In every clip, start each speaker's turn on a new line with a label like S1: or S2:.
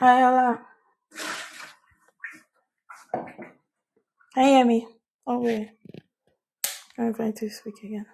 S1: Hi, Ola. Hi Emmy. Oh, wait. I'm going to speak again.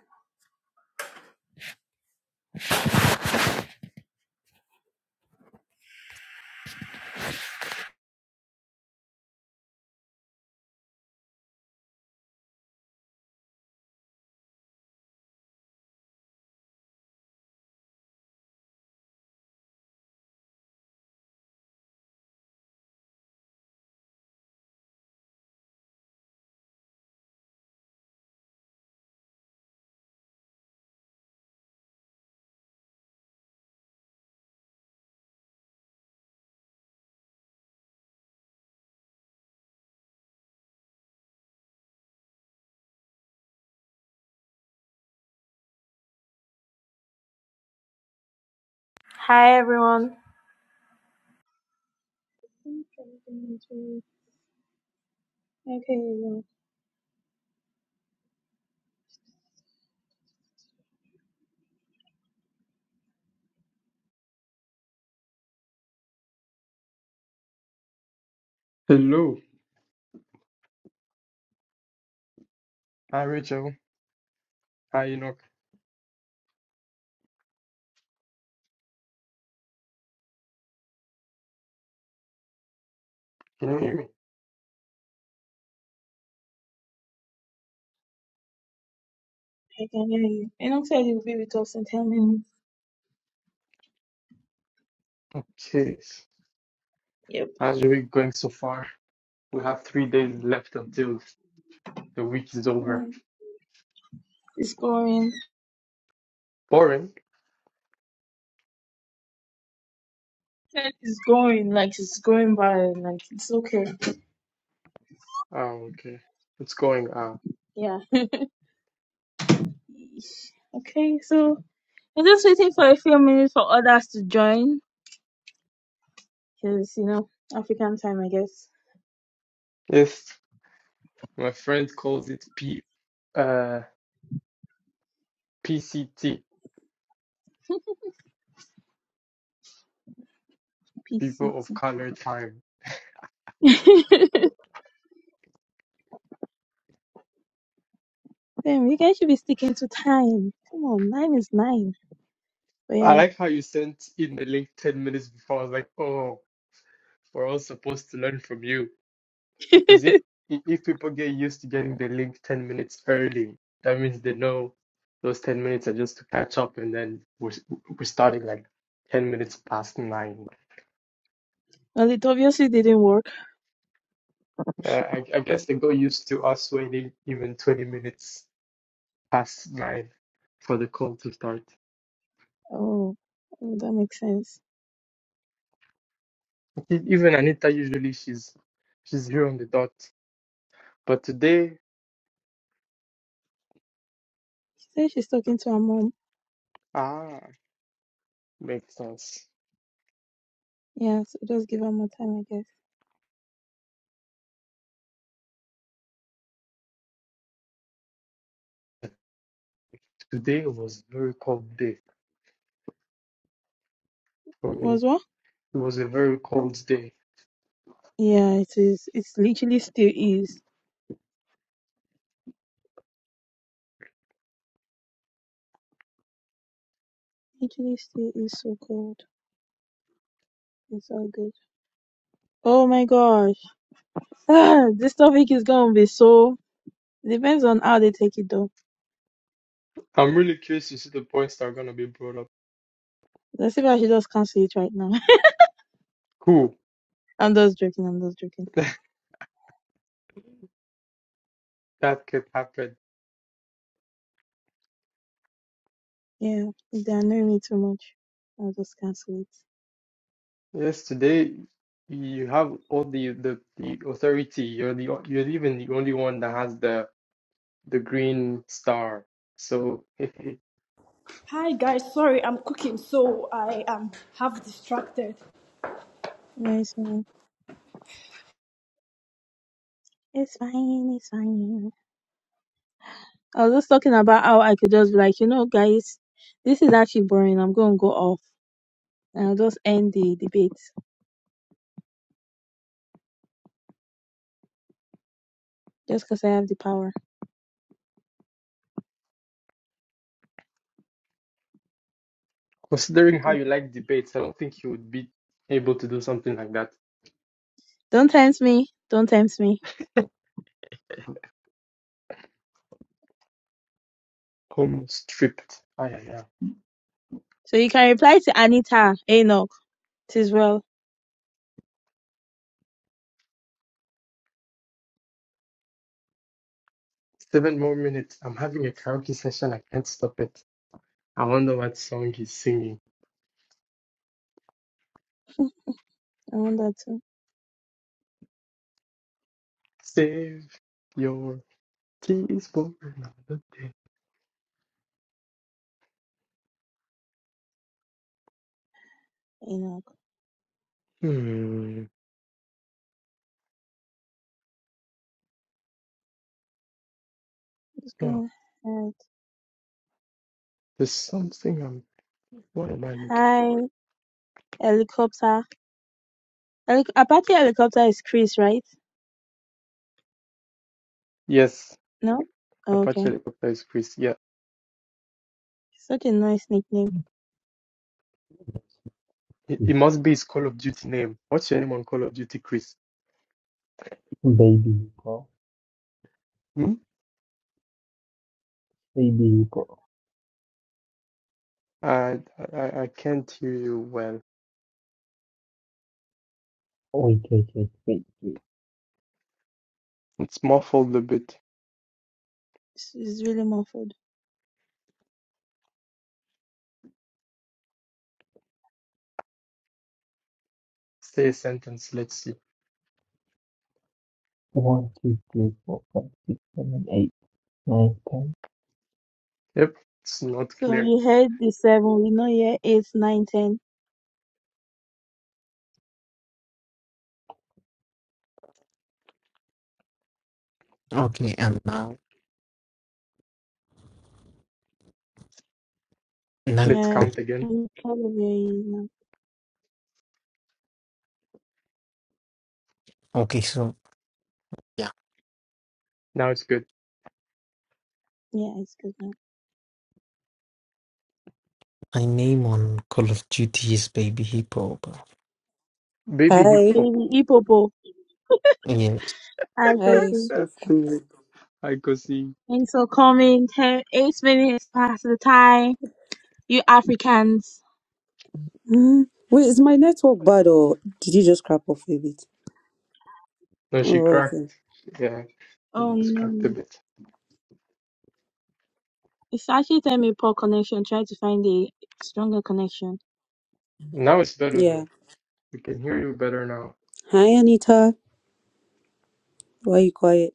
S1: Hi, everyone. Okay, you know, I can
S2: Hello. Hi, Rachel. Hi, Enoch. Can you hear me?
S1: hear you. Enoch said you'll be with us in 10 minutes.
S2: Okay.
S1: Yep.
S2: How's your week going so far? We have three days left until the week is
S1: Yeah.
S2: over.
S1: It's going.
S2: Boring?
S1: It's going. Like, it's going by. Like, it's okay.
S2: Oh, okay. It's going uh
S1: Yeah. okay, so I'm just waiting for a few minutes for others to join. Because, you know, African time, I guess.
S2: yes. My friend calls it P uh PCT, people of
S1: PCT.
S2: color time.
S1: Damn, you guys should be sticking to time. Come on, nine is nine. But
S2: I
S1: yeah.
S2: like how you sent in the link 10 minutes before. I was like, oh, we're all supposed to learn from you. Because if if people get used to getting the link 10 minutes early, that means they know those 10 minutes are just to catch up, and then we're, we're starting like 10 minutes past nine.
S1: well, it obviously didn't work.
S2: Uh, I, I guess they got used to us waiting even 20 minutes past nine for the call to start.
S1: Oh, oh, that makes sense.
S2: E- Even Anita, usually she's she's here on the dot. But today,
S1: She said she's talking to her mom.
S2: ah, makes sense.
S1: Yeah, so just give her more time, I guess.
S2: Today was a very cold day for me.
S1: Was what?
S2: It was a very cold day.
S1: Yeah, it is. It's literally still is. Literally still is so cold. It's all good. Oh my gosh. Ah, this topic is gonna be so. Depends on how they take it though.
S2: I'm really curious to see the points that are going to be brought up.
S1: Let's see if I should just cancel it right now.
S2: Cool.
S1: I'm just joking. I'm just joking.
S2: That could happen.
S1: Yeah, if they annoy me too much, I'll just cancel it.
S2: Yes, today you have all the, the, the authority. You're the o- you're even the only one that has the the green star. So
S3: Hi guys, sorry I'm cooking, so I am half distracted.
S1: No, it's fine. It's fine. It's fine. I was just talking about how I could just be like, you know, guys, this is actually boring. I'm going to go off and I'll just end the debate just because I have the power to
S2: considering how
S1: do.
S2: you like debates, I don't think you would be able to do something like that.
S1: Don't tempt me. Don't tempt me.
S2: Almost stripped. Ah, yeah, yeah.
S1: So you can reply to Anita Enoch. It is well.
S2: Seven more minutes. I'm having a karaoke session. I can't stop it. I wonder what song he's singing.
S1: I want that too.
S2: Save your keys for another day.
S1: Enoch.
S2: Hmm.
S1: Let's
S2: Oh,
S1: go ahead.
S2: there's something I'm. What am I looking
S1: Hi,
S2: for?
S1: helicopter. Helic- Apache helicopter is Chris, right?
S2: Yes,
S1: No? Oh,
S2: Apache
S1: okay.
S2: helicopter is Chris. Yeah,
S1: Such a nice nickname.
S2: it, it
S4: It's
S2: must be his Call of Duty name. What's your name on Call of Duty, Chris?
S4: Baby Hippo,
S2: Hmm?
S4: Baby Hippo.
S2: I, I I can't hear you well.
S4: Wait, wait, wait, wait, wait.
S2: It's muffled a bit.
S1: It's it's really muffled.
S2: Say a sentence. Let's see.
S4: One, two, three, four, five, six, seven, eight, nine, ten.
S2: Yep, it's not
S1: So
S2: clear.
S1: we heard the seven. We know here eight, nine, ten.
S4: Okay, and now, now,
S2: Let's
S1: Yeah,
S2: count again.
S1: I'm kind of very, no.
S4: okay, so yeah,
S2: Now it's good.
S1: yeah, it's good now.
S4: my name on Call of Duty is Baby Hippo, but
S2: Baby hip
S5: Hi,
S2: hop.
S1: Baby Ipopo,
S4: yes.
S1: I go
S5: hi,
S1: see.
S2: Eh,
S5: sorry for coming late.
S2: I could see.
S1: Thanks for coming. Ten, eight minutes past the time. You Africans.
S5: Mm, Wait, is my network bad or did you just crap off a bit?
S2: No, she
S5: Oh, okay.
S2: cracked. Yeah, it
S1: Oh
S2: was cracked a
S1: no.
S2: bit.
S1: It's actually time a poor connection. Try to find a stronger connection.
S2: Now it's better
S5: Yeah.
S2: though. We can hear you better now.
S5: Hi, Anita. Why are you quiet?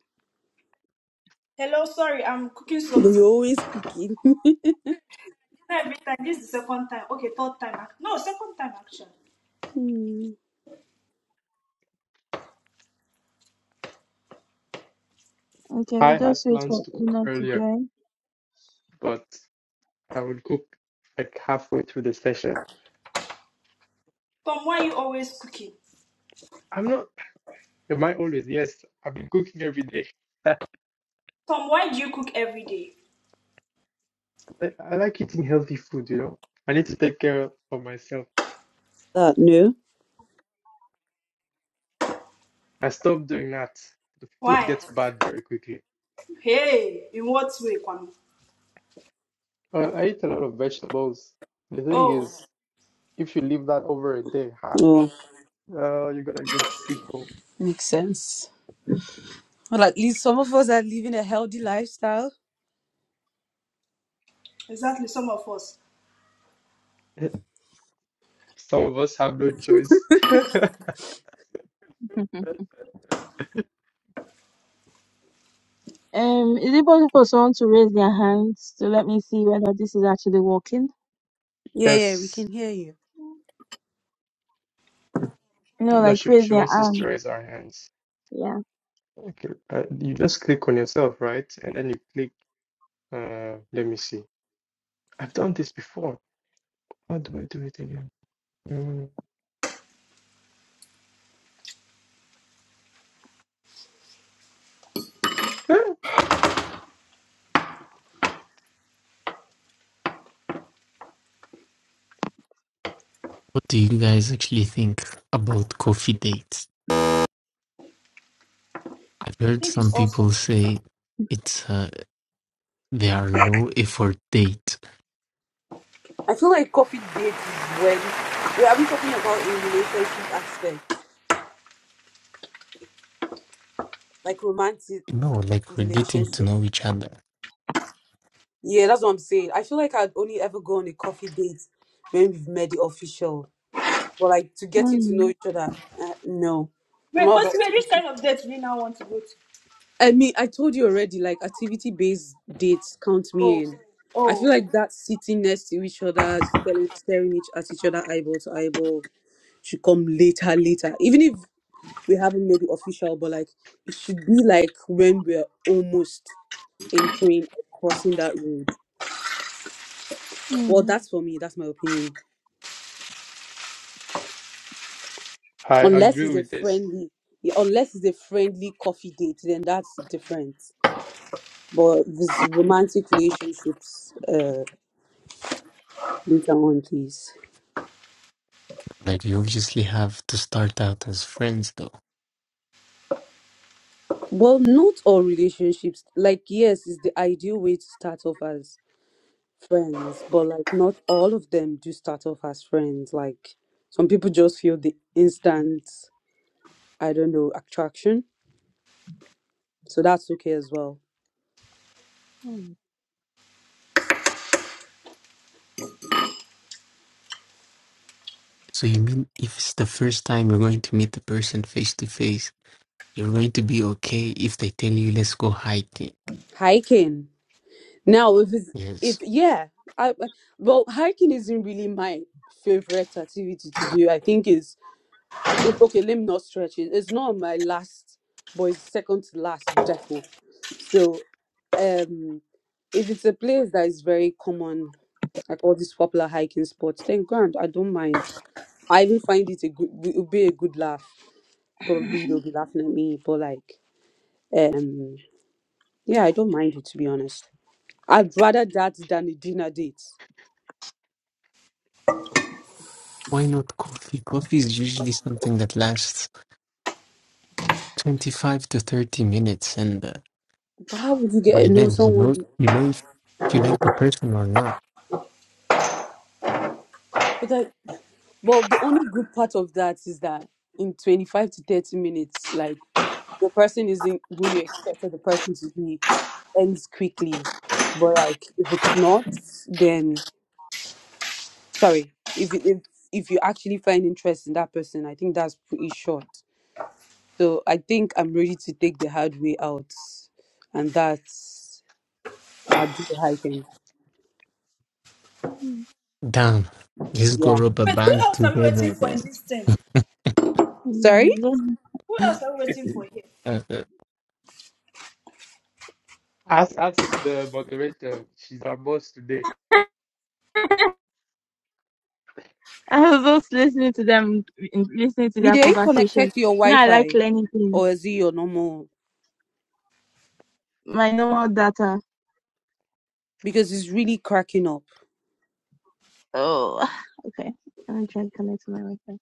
S3: Hello, sorry I'm cooking
S5: Do
S3: something.
S5: you always cooking?
S3: It's Not every time. This is the second time. Okay, third time. ac- No, second time actually.
S5: Mm,
S1: Okay, we
S2: I
S1: just
S2: had
S1: wait
S2: plans
S1: for
S2: to cook
S1: Una to
S2: earlier,
S1: join.
S2: but I will cook like halfway through the session.
S3: Tom, why you always cooking?
S2: I'm not, am I always? Yes, I've been cooking every day. I,
S3: Tom, why do you cook every day?
S2: I like eating healthy food, you know. I need to take care of myself.
S5: that no.
S2: I stopped doing that. The food
S3: Why?
S2: gets bad very quickly.
S3: Hey, in what way, Kwame?
S2: Well, I eat a lot of vegetables. The thing
S3: Oh,
S2: is, if you leave that over a day, ha,
S5: Oh,
S2: uh, you're gonna get sick. oh.
S5: makes sense. Well, at least some of us are living a healthy lifestyle.
S3: exactly. Some of us. I
S2: Some of us have no choice.
S1: Um, is it possible for someone to raise their hands to let me see whether this is actually working?
S5: Yeah, yeah, we
S2: Yes,
S5: can hear you.
S2: you
S1: You know,
S2: know,
S1: like
S2: she,
S1: raise
S2: she
S1: their
S2: wants us to
S1: hand.
S2: raise our hands.
S1: Yeah.
S2: Okay, uh, you just click on yourself, right? And then you click, uh, let me see. I've done this before. How do I do it again? Mm.
S4: What do you guys actually think about coffee dates? I've heard
S3: think
S4: some
S3: it's awesome.
S4: people say it's uh, they are low
S5: I
S4: effort date.
S5: feel like coffee dates is when. Wait, are we talking about a relationship aspect, like romantic
S4: No, like we're getting to
S5: relationship?
S4: know each other.
S5: Yeah, that's what I'm saying. I feel like I'd only ever go on a coffee date when we've met the official. But like to getting to know
S1: Mm,
S5: each other, uh, no. I'm
S3: Wait,
S5: all
S3: Because
S5: about.
S3: Wait, which kind of date do you now want to go to?
S5: I mean, I told you already. Like activity-based dates count
S3: Oh,
S5: me in. I
S3: oh.
S5: feel like that sitting next to each other, staring, staring each at each other eyeball to eyeball, should come later, later. Even if we haven't made it official, but like it should be like when we're almost entering, or crossing that road. Well,
S1: mm,
S5: that's for me. That's my opinion.
S2: I
S5: Unless
S2: agree
S5: it's a
S2: with this.
S5: friendly, yeah, unless it's a friendly coffee date, then that's different. But this romantic relationships, uh, later on, please.
S4: Like you obviously have to start out as friends, though
S5: Well, not all relationships. Like, yes, it's the ideal way to start off as friends, but like, not all of them do start off as friends. Like, some people just feel the instant, I don't know, attraction. So that's okay as well.
S1: Mm.
S4: So you mean if it's the first time you're going to meet the person face to face, you're going to be okay if they tell you let's go hiking?
S5: Hiking. Now, if it's if
S4: Yes.
S5: yeah, I I- well, hiking isn't really my favorite activity to do. I think is if okay, let me not stretch it. It's not on my last, but it's second to last deco. So um, if it's a place that is very common, like all these popular hiking spots, then grand, I don't mind. I even find it a good, it would be a good laugh. Probably they'll be laughing at me, but like, um, yeah, I don't mind it to be honest. I'd rather that than a dinner date.
S4: Why not coffee? Coffee is usually something that lasts 25 to 30 minutes and uh,
S5: But how would you get
S4: by
S5: to know
S4: then you know
S5: someone?
S4: you know if, if you like the person or not.
S5: But like, well, the only good part of that is that in 25 to 30 minutes, like the person isn't who you expected the person to be ends quickly. But like, if it's not, then sorry. If it, if if you actually find interest in that person, I think that's pretty short. So I think I'm ready to take the hard way out, and that's I'll do the hiking.
S1: mm,
S4: Damn. Let's go
S5: Yeah.
S4: rob a
S3: Wait, who
S4: bank
S3: else are we waiting
S4: together
S3: for
S4: then.
S3: in this thing?
S5: Sorry,
S1: mm. Just,
S3: Who else are we waiting for here?
S4: Uh, uh,
S2: Ask, ask the moderator. She's our boss today.
S1: I was just listening to them, listening to their
S5: Media, are you
S1: conversation.
S5: connected to your
S1: Now I like
S5: Wi-Fi,
S1: learning things.
S5: or is it your normal?
S1: My normal data.
S5: because it's really cracking up.
S1: Oh, okay. Let me try to connect to my Wi-Fi.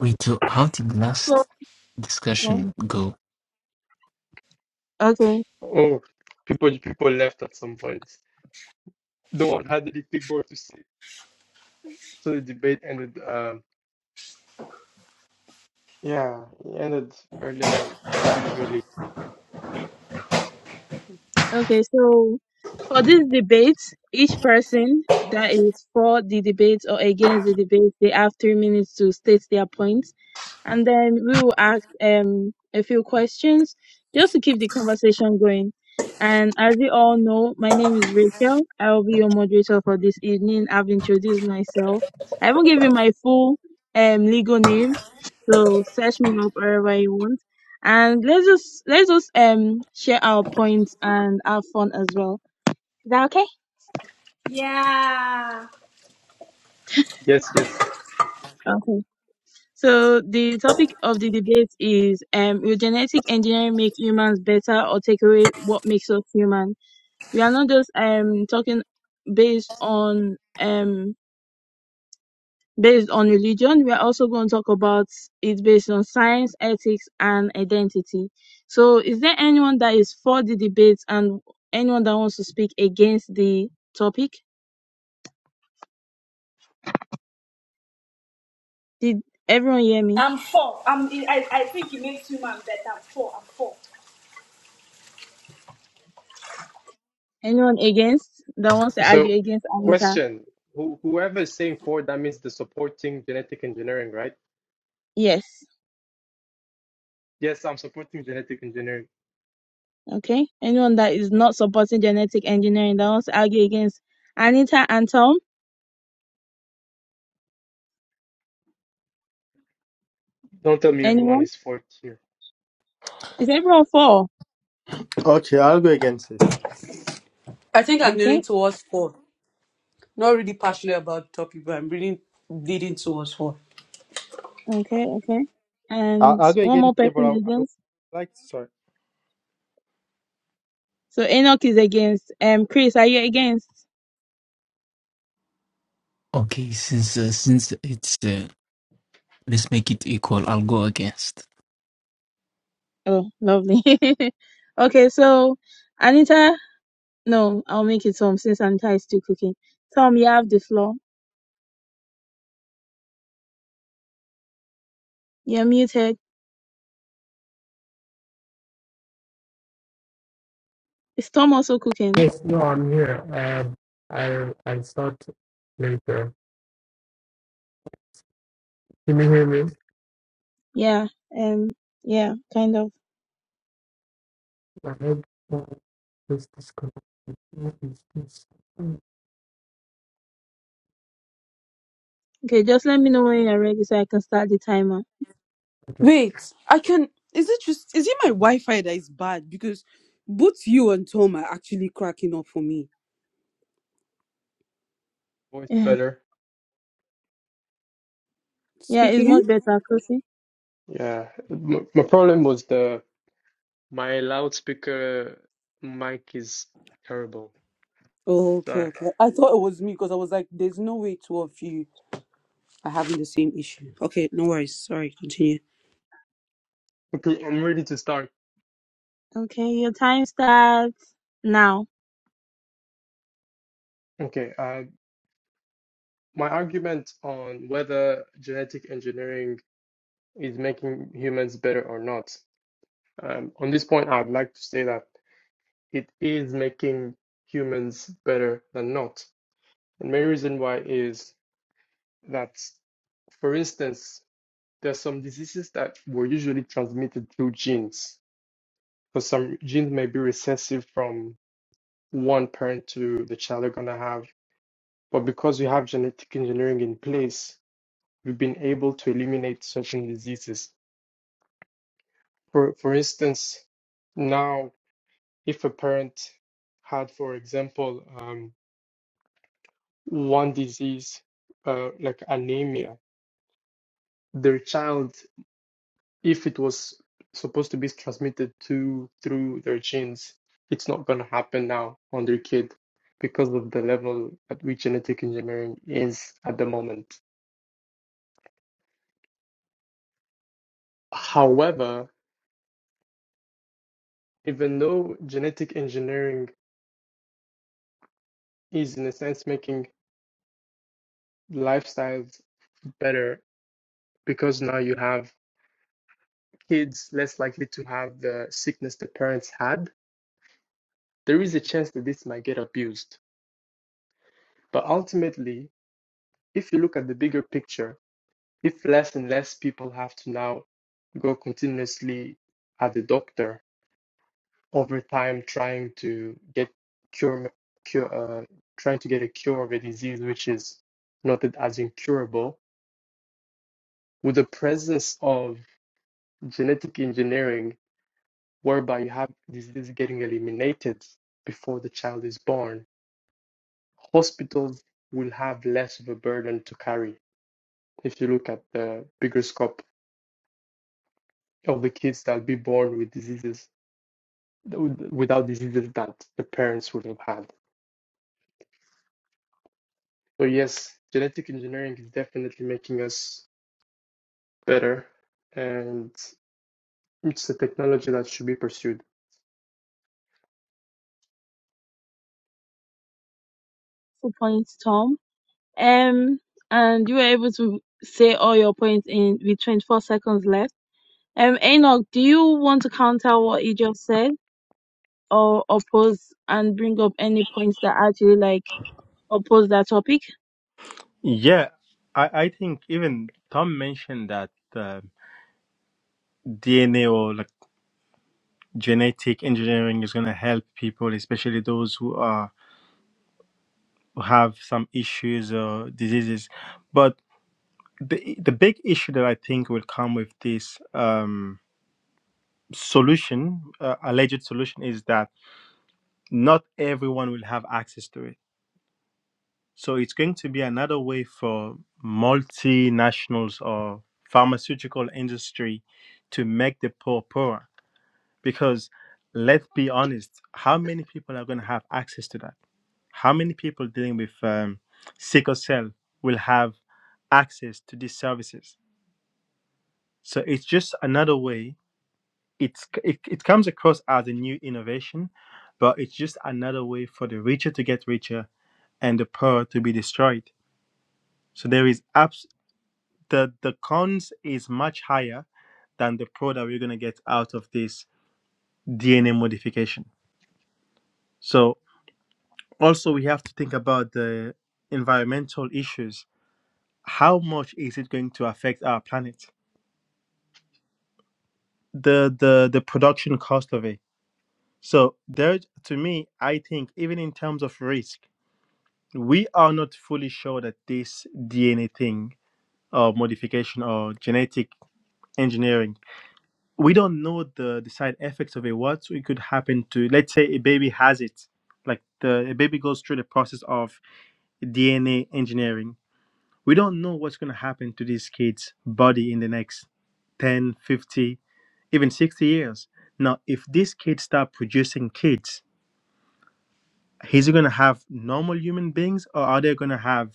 S4: wait, so how did last
S1: So, so,
S4: discussion go?
S1: okay.
S2: Oh, people, people left at some point. No one had anything more to say. So the debate ended, um, yeah, it ended earlier than usually.
S1: Okay, so for this debate, each person that is for the debate or against the debate, they have three minutes to state their points, and then we will ask um a few questions just to keep the conversation going. And as you all know, my name is Rachel. I will be your moderator for this evening. I've introduced myself. I haven't given my full um legal name, so search me up wherever you want and let's just let's just um share our points and have fun as well. Is that okay?
S3: Yeah.
S2: Yes, yes.
S1: Okay. So the topic of the debate is um will genetic engineering make humans better or take away what makes us human? We are not just um talking based on um based on religion. We are also going to talk about it based on science, ethics and identity. So is there anyone that is for the debate and anyone that wants to speak against the topic? Did everyone hear me?
S3: I'm four. I'm, I, I think it makes human better. I'm four. I'm four.
S1: Anyone against that wants to
S2: So,
S1: argue against Anita?
S2: question. Who, whoever is saying four, that means the supporting genetic engineering, right?
S1: Yes.
S2: Yes, I'm supporting genetic engineering.
S1: Okay. Anyone that is not supporting genetic engineering that wants to argue against Anita and Tom?
S2: Don't tell me everyone
S1: Anyone?
S2: is fourth here.
S1: Is everyone for?
S6: Okay, I'll go against it.
S5: I think I'm leaning
S1: Okay.
S5: towards four. Not really passionate about the topic, but I'm really leaning towards four.
S1: Okay. Okay.
S6: I'll,
S1: And
S6: I'll go
S1: one
S6: against
S1: more
S6: it, but I,
S1: person
S6: I would
S1: against.
S6: like to start.
S1: So Enoch is against. Um, Chris, are you against?
S4: Okay, since uh, since it's uh, let's make it equal, I'll go against.
S1: Oh, lovely. okay. So Anita, no, I'll make it Tom since Anita is still cooking. Tom, you have the floor. You're muted. Is Tom also cooking?
S2: Yes, no, I'm here. Um, I'll I'll start later. Can you hear me?
S1: Yeah, um, yeah, kind of.
S2: I hope uh, this disconnect. What is this? Mm,
S1: Okay, just let me know when you're ready so I can start the timer.
S2: Okay.
S5: Wait, I can. Is it just? Is it my Wi-Fi that is bad? Because both you and Tom are actually cracking up for me.
S2: Voice better.
S1: Yeah, it's
S5: Speaking.
S1: much better, Kosi.
S2: Yeah. My, my problem was the my loudspeaker mic is terrible.
S5: Oh,
S2: So
S5: okay, okay.
S2: I-
S5: I thought it was me because I was like, "There's no way two of you are having the same issue." Okay, no worries. Sorry, continue.
S2: okay, I'm ready to start.
S1: Okay, your time starts now.
S2: Okay. Uh, my argument on whether genetic engineering is making humans better or not. Um, on this point, I'd like to say that it is making humans better than not. And main reason why is that, for instance, there's some diseases that were usually transmitted through genes. So some genes may be recessive from one parent to the child they're gonna have. But because we have genetic engineering in place, we've been able to eliminate certain diseases. For for instance, now if a parent had, for example, um, one disease, uh, like anemia, their child, if it was supposed to be transmitted to through their genes, it's not going to happen now on their kid because of the level at which genetic engineering is at the moment. However, even though genetic engineering is in a sense making lifestyles better because now you have kids less likely to have the sickness the parents had, there is a chance that this might get abused But ultimately, if you look at the bigger picture, if less and less people have to now go continuously at the doctor over time trying to get cure, cure uh, trying to get a cure of a disease which is noted as incurable, with the presence of genetic engineering whereby you have disease getting eliminated before the child is born, hospitals will have less of a burden to carry if you look at the bigger scope of the kids that'll be born with diseases without diseases that the parents would have had. So yes, genetic engineering is definitely making us better, and it's a technology that should be pursued.
S1: Four points, Tom. Um, and you were able to say all your points in with 24 seconds left. Um, Enoch, do you want to counter what you just said or oppose and bring up any points that actually like oppose that topic?
S6: Yeah, I, I think even Tom mentioned that uh, DNA or like genetic engineering is going to help people, especially those who are who have some issues or diseases. But the the big issue that I think will come with this um, solution, uh, alleged solution, is that not everyone will have access to it So it's going to be another way for multinationals or pharmaceutical industry to make the poor poorer. Because let's be honest, how many people are going to have access to that? How many people dealing with um, sickle cell will have access to these services? So it's just another way. It's it, it comes across as a new innovation, but it's just another way for the richer to get richer and the poor to be destroyed. So there is the the cons is much higher than the pro that we're going to get out of this DNA modification. So also we have to think about the environmental issues. How much is it going to affect our planet? The the the production cost of it. So there to me I think even in terms of risk, we are not fully sure that this DNA thing or modification or genetic engineering we don't know the, the side effects of it what so it could happen to let's say a baby has it like the a baby goes through the process of dna engineering we don't know what's going to happen to these kids body in the next 10 50 even 60 years now if these kids start producing kids is it going to have normal human beings or are they going to have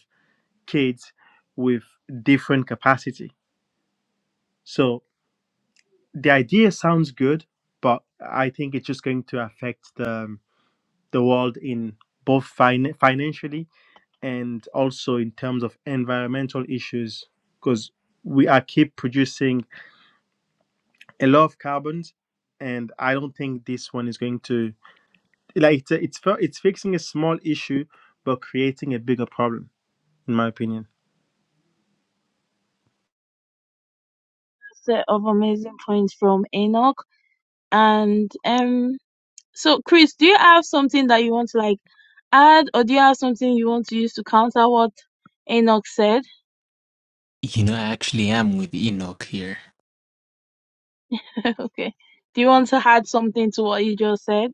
S6: kids with different capacity so the idea sounds good but i think it's just going to affect the the world in both fin- financially and also in terms of environmental issues because we are keep producing a lot of carbons and i don't think this one is going to like it's it's fi- it's fixing a small issue but creating a bigger problem in my opinion
S1: Set of amazing points from Enoch and um. So, Chris, do you have something that you want to like add, or do you have something you want to use to counter what Enoch said?
S4: You know, I actually am with Enoch here.
S1: okay. Do you want to add something to what you just said?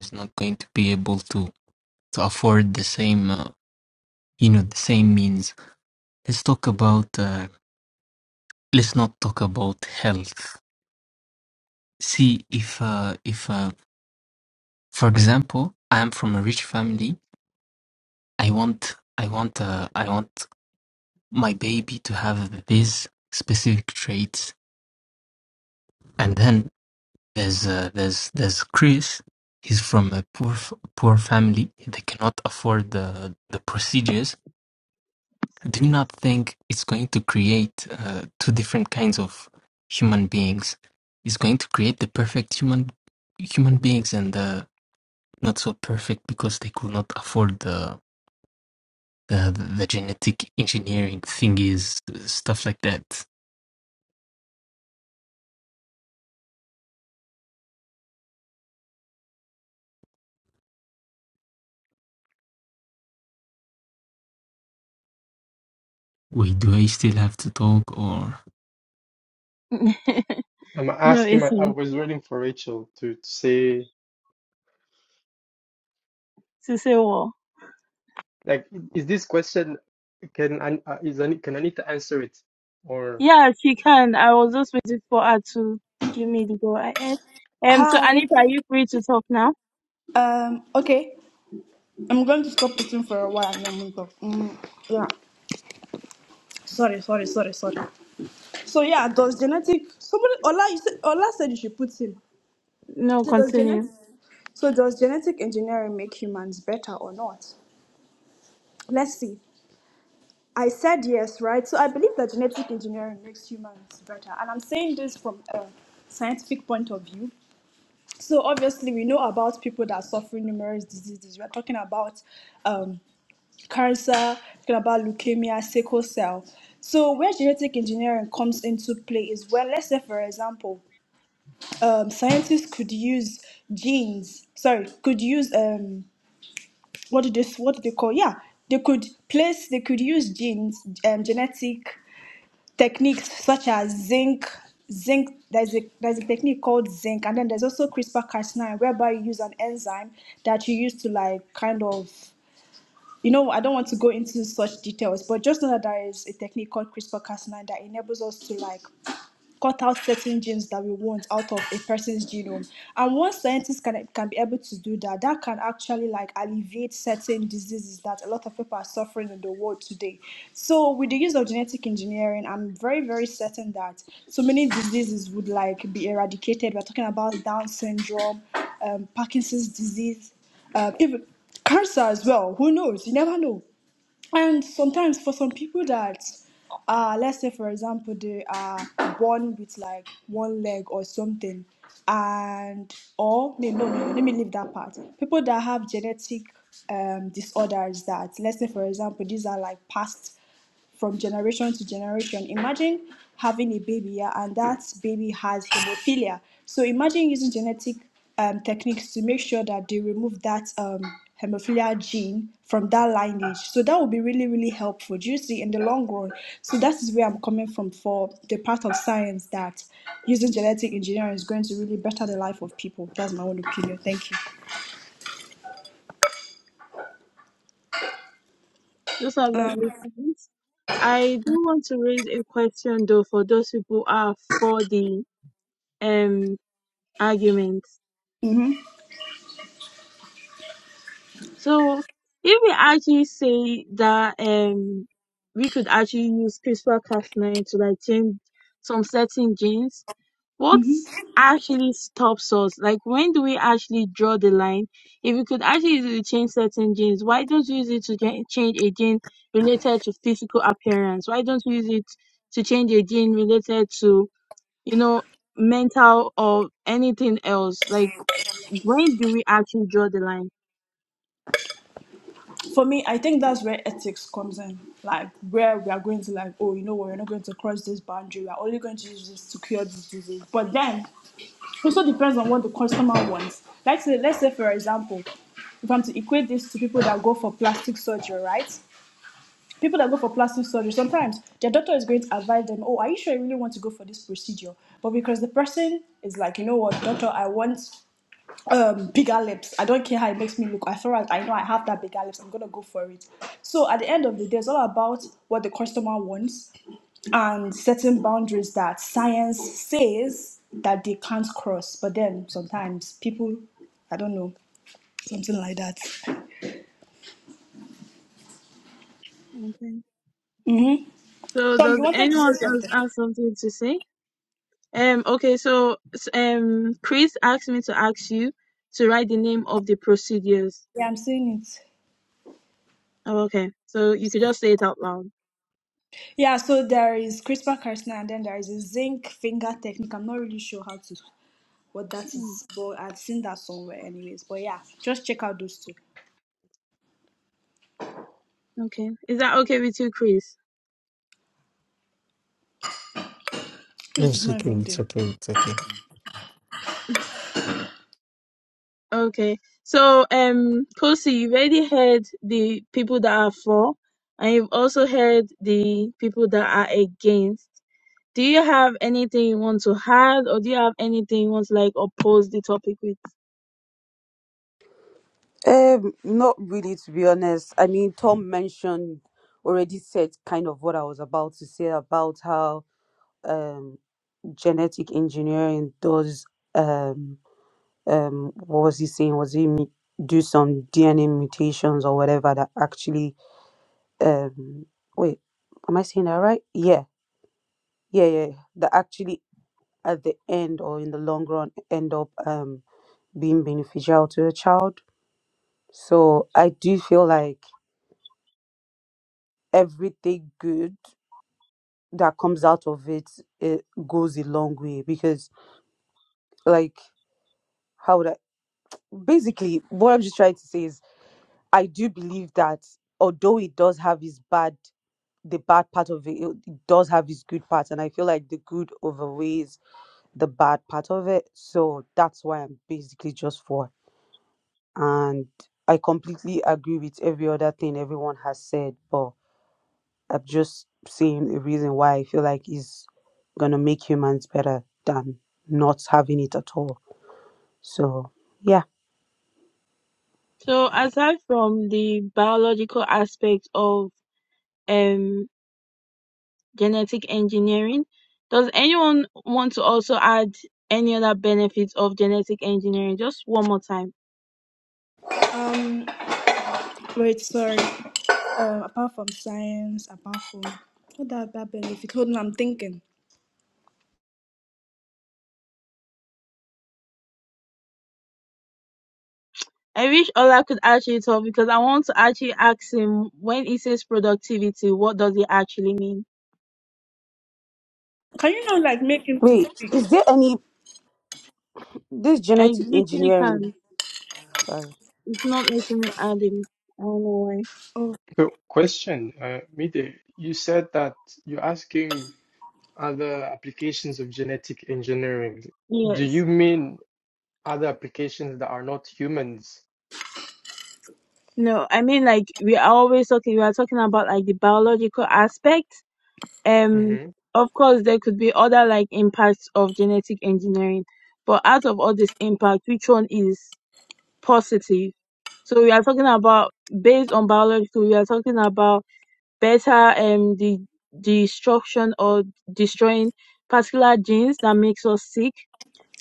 S4: It's not going to be able to, to afford the same, uh, you know, the same means. Let's talk about. Uh, let's not talk about health. See, if uh, if uh, for example, I am from a rich family. I want, I want, uh, I want my baby to have these specific traits. And then there's uh, there's there's Chris. He's from a poor f- poor family. They cannot afford the the procedures do you not think it's going to create uh, two different kinds of human beings? It's going to create the perfect human human beings and the not so perfect because they could not afford the the, the genetic engineering thingies, stuff like that. Wait, do I still have to talk or?
S1: no,
S2: I'm asking.
S1: it's
S2: My, I
S1: to
S2: was waiting for Rachel to, to say,
S1: say what?
S2: like, is this question can I uh, is I, can I need to answer it or
S1: Yeah, she can. I was just waiting for her to give me the go ahead. Um, so
S3: Hi.
S1: Anita, are you free to talk now?
S3: Um. Okay. I'm going to stop eating for a while and then we go. Mm, yeah. Sorry. Sorry. Sorry. Sorry. So yeah, does genetic somebody Ola you said Ola said you should put in.
S1: No,
S3: So does genetic
S1: continue.
S3: So does genetic engineering make humans better or not? Let's see. I said yes, right? So I believe that genetic engineering makes humans better, and I'm saying this from a scientific point of view So obviously, we know about people that are suffering numerous diseases. We are talking about um, cancer, talking about leukemia, sickle cell. So where genetic engineering comes into play is when, let's say, for example, um, scientists could use genes. Sorry, could use um, what do this? What do they call? Yeah, they could place. They could use genes, um, genetic techniques such as zinc zinc there's a there's a technique called zinc and then there's also crispr cas9 whereby you use an enzyme that you use to like kind of you know i don't want to go into such details but just know that there is a technique called crispr cas9 that enables us to like cut out certain genes that we want out of a person's genome. And once scientists can, can be able to do that, that can actually like alleviate certain diseases that a lot of people are suffering in the world today. So with the use of genetic engineering, I'm very, very certain that so many diseases would like be eradicated. We're talking about Down syndrome, um, Parkinson's disease, um, even cancer as well. Who knows? You never know and sometimes for some people that uh let's say for example they are born with like one leg or something and or no no no let me leave that part people that have genetic um disorders that let's say for example these are like past from generation to generation. Imagine having a baby yeah, and that baby has hemophilia. So imagine using genetic um, techniques to make sure that they remove that um, hemophilia gene from that lineage. So that would be really, really helpful, do you see, in the long run. So that is where I'm coming from for the part of science that using genetic engineering is going to really better the life of people. That's my own opinion. Thank you.
S1: Those are lovely points. I do want to raise a question though for those people who are for the um argument.
S3: Mm-hmm.
S1: So if we actually say that um we could actually use CRISPR Cas9 to like change some certain genes, what
S3: Mm-hmm.
S1: actually stops us? Like when do we actually draw the line? If we could actually use it to change certain genes, why don't we use it to gen- change a gene related to physical appearance? Why don't we use it to change a gene related to, you know, mental or anything else? Like when do we actually draw the line?
S3: for me, I think that's where ethics comes in. Like where we are going to like, oh, you know what, we're not going to cross this boundary. We're only going to use this to cure this disease. But then it also depends on what the customer wants. Let's say, let's say for example, if I'm to equate this to people that go for plastic surgery, right? People that go for plastic surgery, sometimes their doctor is going to advise them, oh, are you sure you really want to go for this procedure? But because the person is like, you know what, doctor, I want um bigger lips. I don't care how it makes me look. I far as I know I have that bigger lips, I'm gonna go for it. So at the end of the day, it's all about what the customer wants and setting boundaries that science says that they can't cross. But then sometimes people I don't know, something like that.
S1: Okay. So
S3: Tom, you
S1: does
S3: wanted to say
S1: anyone else
S3: something.
S1: have something to say? Um, okay, so s- um, Chris asked me to ask you to write the name of the procedures.
S3: Yeah, I'm saying it.
S1: Oh, okay. So you could just say it out loud.
S3: Yeah, so there is CRISPR Cas9 and then there is a zinc finger technique. I'm not really sure how to what that
S1: Mm,
S3: is, but I've seen that somewhere anyways. But yeah, just check out those two.
S1: Okay. Is that okay with you, Chris?
S4: No,
S3: This is
S4: it's
S3: not
S4: okay.
S3: even
S4: It's
S3: there.
S4: okay. It's okay.
S1: Okay. So um, Kosi, you've already heard the people that are for, and you've also heard the people that are against. Do you have anything you want to add, or do you have anything you want to like oppose the topic with?
S5: Um, not really, to be honest. I mean, Tom mentioned already said kind of what I was about to say about how um, genetic engineering does um, um, what was he saying? Was he mu- do some DNA mutations or whatever that actually um, wait, am I saying that right? Yeah, yeah, yeah. That actually at the end or in the long run end up um, being beneficial to a child. So I do feel like everything good that comes out of it, it goes a long way because like how would I basically what I'm just trying to say is I do believe that although it does have its bad, the bad part of it, it it does have its good part, and I feel like the good overweighs the bad part of it. So that's why I'm basically just for. And I completely agree with every other thing everyone has said, but I'm just saying a reason why I feel like is gonna make humans better than not having it at all. So yeah.
S1: So aside from the biological aspect of um, genetic engineering, does anyone want to also add any other benefits of genetic engineering? Just one more time.
S3: Um, wait, sorry. Um, apart from science, apart from what that that benefit? Hold on, I'm thinking.
S1: I wish Ola could actually talk because I want to actually ask him when he says productivity, what does it actually mean?
S3: Can you not like make it?
S5: Wait, is there any this
S1: I
S5: genetic
S1: literally
S5: engineering?
S1: can't.
S5: Sorry.
S1: It's not letting me add him. I don't know why.
S3: Oh,
S2: so question? Uh, Mide, you said that you're asking other applications of genetic engineering. Do
S1: Yes.
S2: you mean? other applications that are not humans.
S1: No, I mean like we are always talking we are talking about like the biological aspect Um,
S2: hmm
S1: of course, there could be other like impacts of genetic engineering, but out of all this impact, which one is positive? So we are talking about based on biological, we are talking about better um the destruction or destroying particular genes that makes us sick.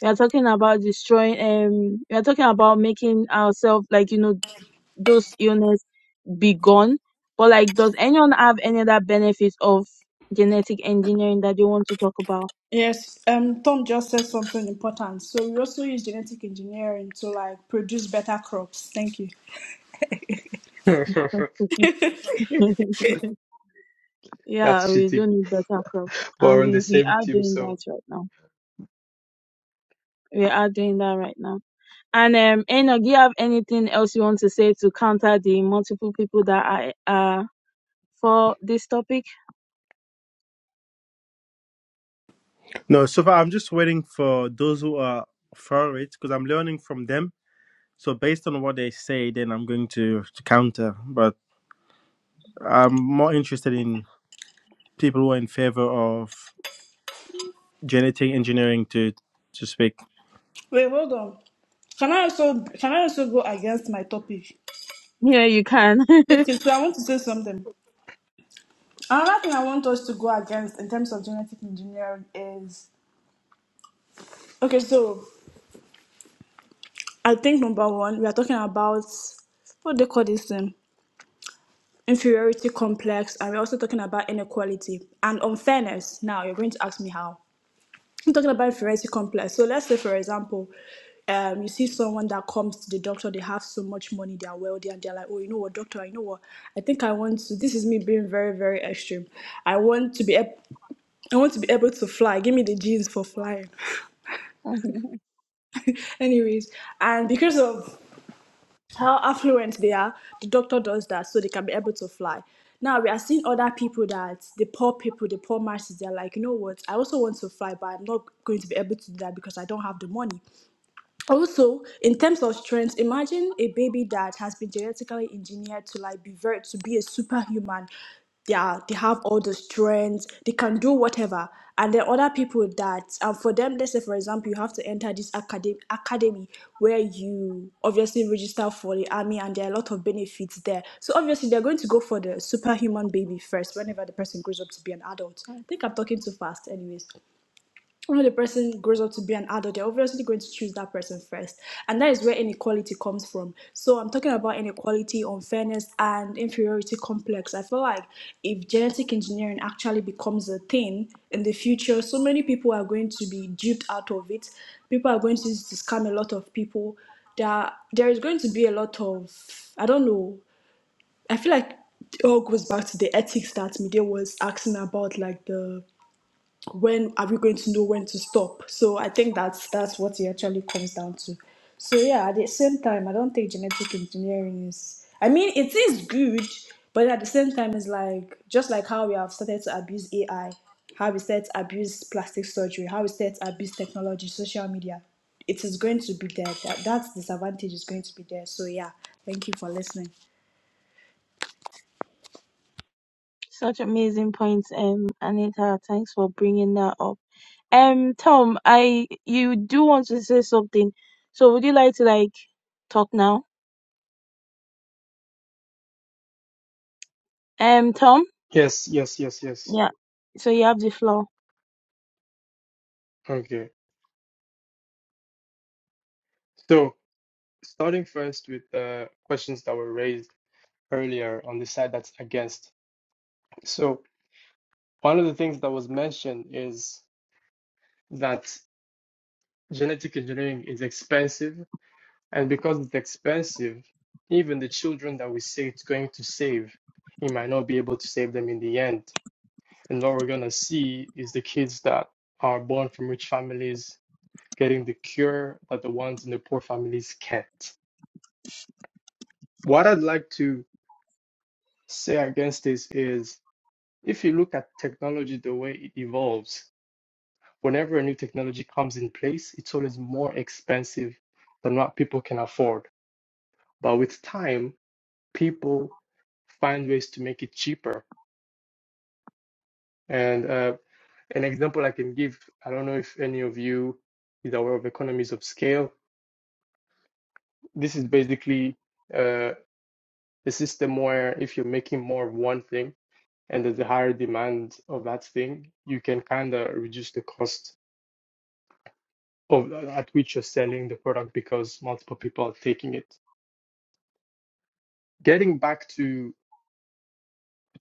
S1: We are talking about destroying um we are talking about making ourselves like you know those illnesses be gone. But like, does anyone have any other benefits of genetic engineering that you want to talk about?
S3: yes. Um, Tom just said something important. So we also use genetic engineering to like produce better crops. Thank you.
S1: yeah,
S2: That's
S1: we
S2: cheating.
S1: do need better crops, and
S2: We're on the
S1: we we
S2: same
S1: are
S2: team,
S1: doing that
S2: so
S1: right now. We are doing that right now. And um, Enoch, do you have anything else you want to say to counter the multiple people that are uh for this topic?
S6: no so far i'm just waiting for those who are for it because i'm learning from them so based on what they say then i'm going to, to counter but i'm more interested in people who are in favor of genetic engineering to to speak.
S3: Wait, hold on. Can I also can I also go against my topic?
S1: Yeah, you can.
S3: Okay, so I want to say something. Another thing I want us to go against in terms of genetic engineering is okay. So I think number one, we are talking about what they call this thing? Inferiority complex, and we're also talking about inequality and unfairness. Now you're going to ask me how. I'm talking about inferiority complex. So let's say, for example, um, you see someone that comes to the doctor, they have so much money, they are wealthy, and they're like, oh, you know what, doctor, I know what, I think I want to. This is me being very, very extreme. I want to be, ab- I want to be able to fly. Give me the genes for flying.
S1: Mhm.
S3: Anyways, and because of how affluent they are, the doctor does that so they can be able to fly. Now we are seeing other people that the poor people, the poor masses, they're like, you know what, I also want to fly, but I'm not going to be able to do that because I don't have the money also in terms of strength imagine a baby that has been genetically engineered to like be very to be a superhuman Yeah, they have all the strength they can do whatever and then other people that um, for them let's say for example you have to enter this academy academy where you obviously register for the army and there are a lot of benefits there so obviously they're going to go for the superhuman baby first whenever the person grows up to be an adult i think i'm talking too fast anyways when the person grows up to be an adult, they're obviously going to choose that person first. And that is where inequality comes from. So I'm talking about inequality, unfairness, and inferiority complex. I feel like if genetic engineering actually becomes a thing in the future, so many people are going to be duped out of it. People are going to use it to scam a lot of people. There, there is going to be a lot of, I don't know, I feel like oh, it all goes back to the ethics that Mide was asking about, like the when are we going to know when to stop? So I think that's that's what it actually comes down to. So yeah, at the same time, I don't think genetic engineering is. I mean, it is good, but at the same time, it's like just like how we have started to abuse AI, how we started to abuse plastic surgery, how we started to abuse technology, social media. It is going to be there. That that disadvantage is going to be there. So yeah, thank you for listening.
S1: Such amazing points, um, Anita. Thanks for bringing that up. Um, Tom, I you do want to say something, so would you like to like talk now? Um, Tom,
S2: yes, yes, yes, yes.
S1: yeah. So you have the floor.
S2: Okay. So starting first with the questions that were raised earlier on the side that's against. So one of the things that was mentioned is that genetic engineering is expensive, and because it's expensive, even the children that we say it's going to save, we might not be able to save them in the end. And what we're going to see is the kids that are born from rich families getting the cure that the ones in the poor families can't. What I'd like to say against this is if you look at technology the way it evolves, whenever a new technology comes in place, it's always more expensive than what people can afford. But with time, people find ways to make it cheaper. And uh, an example I can give I don't know if any of you is aware of economies of scale this is basically uh, a system where if you're making more of one thing and there's a higher demand of that thing, you can kind of reduce the cost of uh, at which you're selling the product because multiple people are taking it. Getting back to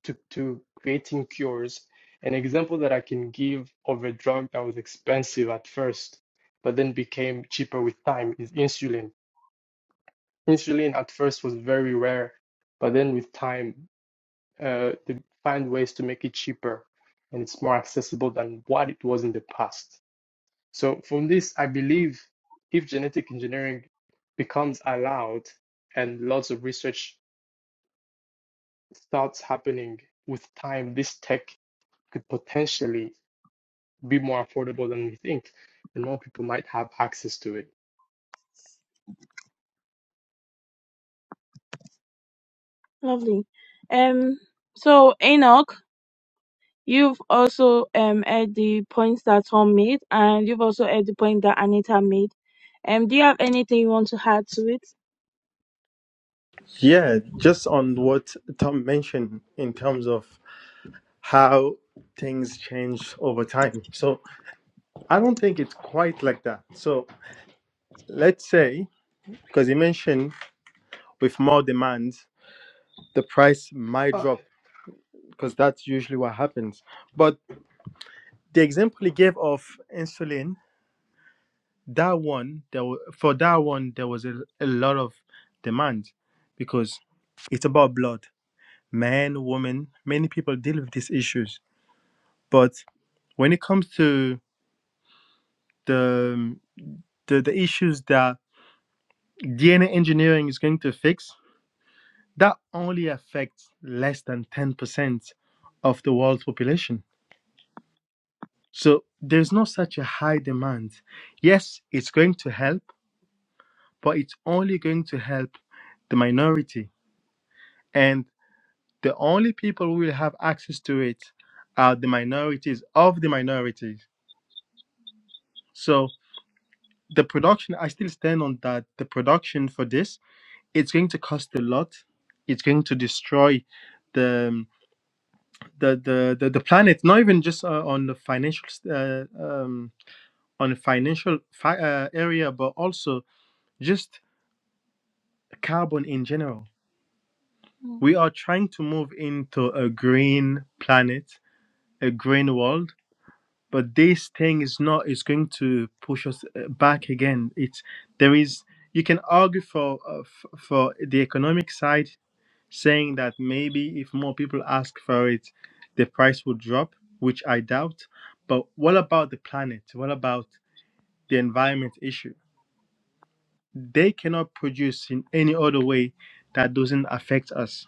S2: to, to creating cures, an example that I can give of a drug that was expensive at first, but then became cheaper with time is insulin. Insulin at first was very rare, but then with time uh, they find ways to make it cheaper and it's more accessible than what it was in the past. So, from this, I believe if genetic engineering becomes allowed and lots of research starts happening with time, this tech could potentially be more affordable than we think, and more people might have access to it.
S1: Lovely. Um, so Enoch, you've also um heard the points that Tom made, and you've also heard the point that Anita made. Um, do you have anything you want to add to it?
S6: Yeah, just on what Tom mentioned in terms of how things change over time. So I don't think it's quite like that. So let's say, because you mentioned with more demand, the price might
S2: Uh,
S6: drop because that's usually what happens. But the example he gave of insulin, that one, there wa- for that one, there was a, a lot of demand because it's about blood. man, woman, many people deal with these issues. But when it comes to the um, the, the issues that DNA engineering is going to fix, that only affects less than 10% of the world's population. So there's no such a high demand. Yes, it's going to help, but it's only going to help the minority. And the only people who will have access to it are the minorities of the minorities. So the production i still stand on that the production for this it's going to cost a lot it's going to destroy the um, the the the, the planet not even just uh, on the financial uh, um, on the financial fi- uh, area but also just carbon in general we are trying to move into a green planet a green world but this thing is not is going to push us uh, back again it's there is you can argue for uh, f- for the economic side saying that maybe if more people ask for it the price will drop which i doubt but what about the planet what about the environment issue they cannot produce in any other way that doesn't affect us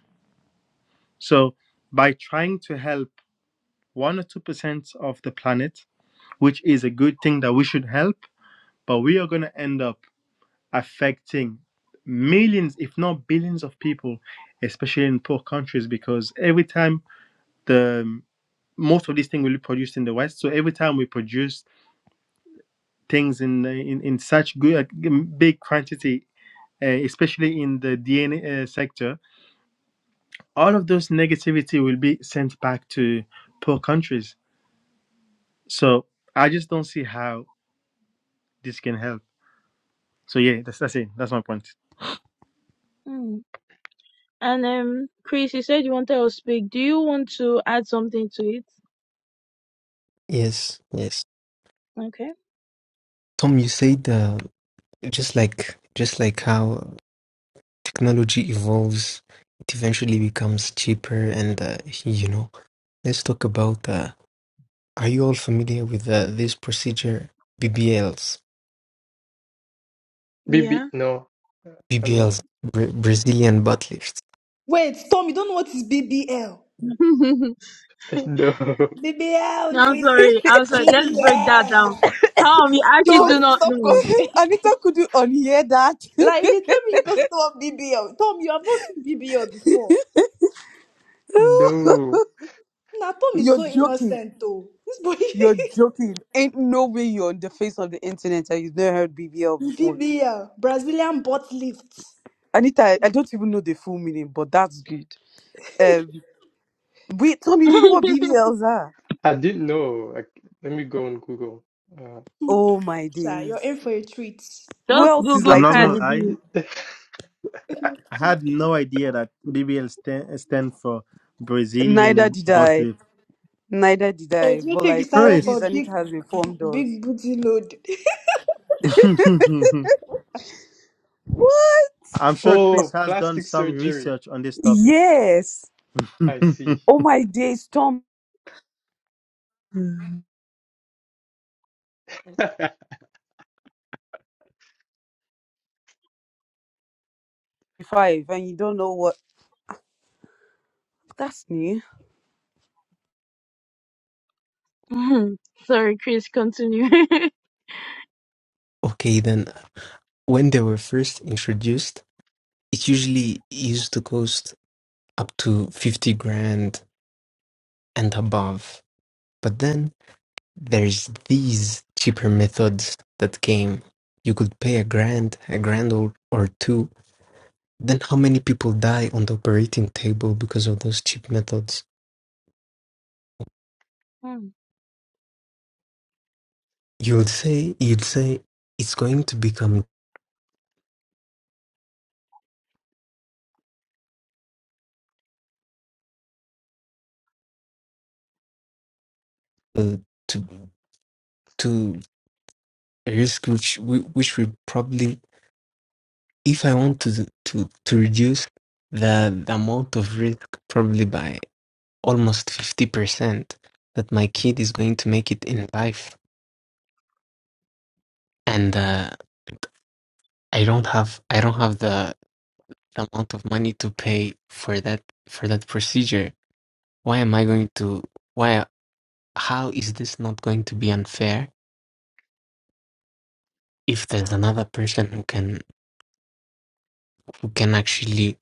S6: so by trying to help 1 or 2% of the planet which is a good thing that we should help but we are going to end up affecting millions, if not billions, of people, especially in poor countries, because every time the most of these things will be produced in the West, so every time we produce things in in, in such good uh, big quantity, uh, especially in the DNA uh, sector, all of those negativity will be sent back to poor countries. So I just don't see how this can help. So yeah, that's that's it. That's my point.
S1: Mm. And um, Chris, you said you wanted us to speak. Do you want to add something to it?
S4: Yes, yes.
S1: Okay.
S4: Tom, you said uh, just like just like how Technology evolves, it eventually becomes cheaper and, uh, you know, let's talk about, uh, are you all familiar with uh, this procedure? BBLs.
S2: BB,
S1: Yeah.
S2: no, I'm not.
S4: BBLs, Bra- Brazilian butt lifts.
S3: Wait, Tom, you don't know what is BBL? BBL,
S1: No, I'm
S3: Drizzy.
S1: sorry. I'm sorry. Let's break that down.
S3: BBL.
S1: Tom, you
S3: She
S1: actually
S3: goes
S1: do
S3: to
S1: not
S3: stop
S1: know.
S3: coughing.
S5: Anita couldn't unhear that.
S3: like he told me he doesn't want BBL. Tom, you have not seen BBL before.
S2: No,
S3: Nah, Tom
S2: no,
S3: is
S5: You're
S3: so
S5: joking.
S3: innocent though. This boy
S5: You're joking. Ain't no way you're on the face of the internet and you've never heard BBL before.
S3: BBL. Brazilian butt lift.
S5: Anita, I I don't even know the full meaning, but that's good. Um, wait, Tom, you don't know what BBLs are?
S2: I didn't know. Like, let me go on Google. Uh,
S5: Oh my
S3: Sha, you're in
S5: days.
S3: for a treat.
S5: Who
S1: Just
S5: else is
S1: Google
S6: I'm
S5: like
S6: not gonna
S5: Tom?
S1: Cardi
S6: lie.
S1: B.
S6: I had no idea that BBL stand, stand for
S5: Neither
S6: Brazilian
S5: did
S6: butt
S5: I.
S6: lift.
S5: Neither did
S3: oh,
S5: I.
S3: do you
S5: But
S3: think he
S5: like, at
S3: started
S5: least
S3: for
S6: Chris,
S5: Anita
S3: big
S5: has
S3: b-
S5: informed us.
S3: big booty load?
S6: I'm sure Chris
S2: Oh,
S6: has done
S2: plastic
S6: some
S2: surgery.
S6: research on this topic.
S5: Yes.
S2: I
S6: I,
S2: see.
S5: Oh my days, Tom five, and you don't know what? That's new.
S1: Sorry, Chris, continue.
S4: Okay, then when they were first introduced, it usually used to cost up to 50 grand and above. But then there's these cheaper methods that came. You could pay a grand, a grand or, or two Then how many people die on the operating table because of those cheap methods?
S1: Mm.
S4: You would say you'd say it's going to become uh, to to a risk which we- which we probably if I want to to to reduce the, the amount of risk probably by almost fifty percent that my kid is going to make it in life and uh, I don't have I don't have the the amount of money to pay for that for that procedure. Why am I going to? Why? how is this not going to be unfair if there's another person who can who can actually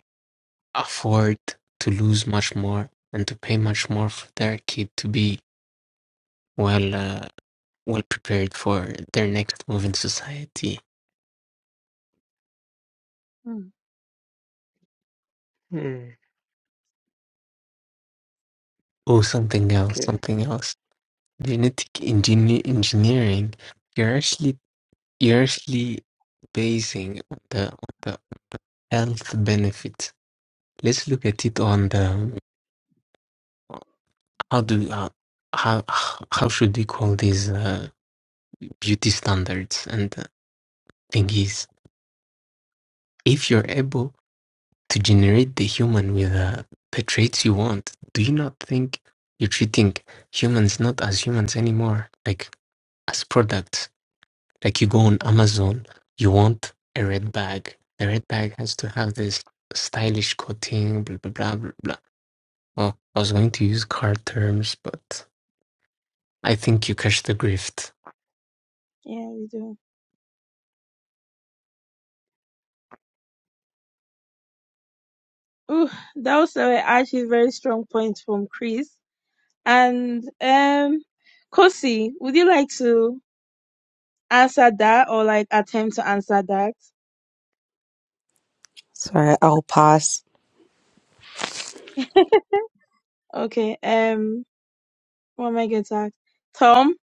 S4: afford to lose much more and to pay much more for their kid to be well uh, well prepared for their next move in society
S1: Mm,
S2: Hmm,
S4: or something else
S2: Okay.
S4: something else genetic engineer engineering you're actually you're actually basing on the, on the health benefits let's look at it on the how do uh, how how should we call these uh, beauty standards and the thing is, If you're able to generate the human with uh, the traits you want, do you not think you're treating humans not as humans anymore, like as products? Like you go on Amazon, you want a red bag. The red bag has to have this stylish coating, blah blah blah blah blah. Oh, I was going to use car terms, but I think you catch the grift.
S1: yeah, we do. Ooh, that was uh, actually a very strong point from Chris. And um, Kosi, would you like to answer that or like attempt to answer that?
S5: Sorry, I'll pass.
S1: Okay. Um, what am I going to ask? Tom,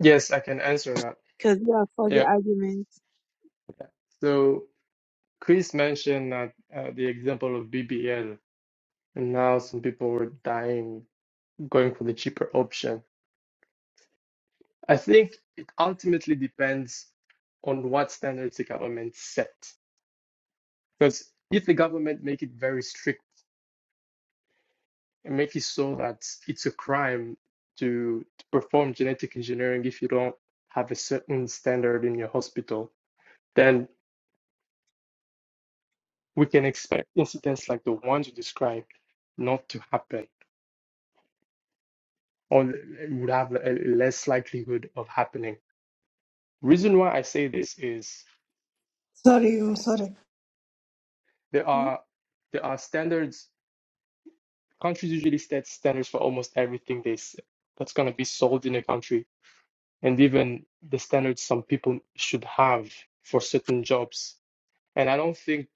S2: Yes, I can answer that.
S1: because you are for the
S2: Yeah.
S1: argument.
S2: So Chris mentioned that uh, the example of BBL, and now some people were dying going for the cheaper option. I think it ultimately depends on what standards the government set. Because if the government make it very strict and make it so that it's a crime to, to perform genetic engineering if you don't have a certain standard in your hospital, then we can expect incidents like the ones you described not to happen or would have a less likelihood of happening. Reason why I say this is
S3: sorry, I'm sorry.
S2: there
S1: Hmm?
S2: are there are standards countries usually set standards for almost everything they s- that's going to be sold in a country and even the standards some people should have for certain jobs And I don't think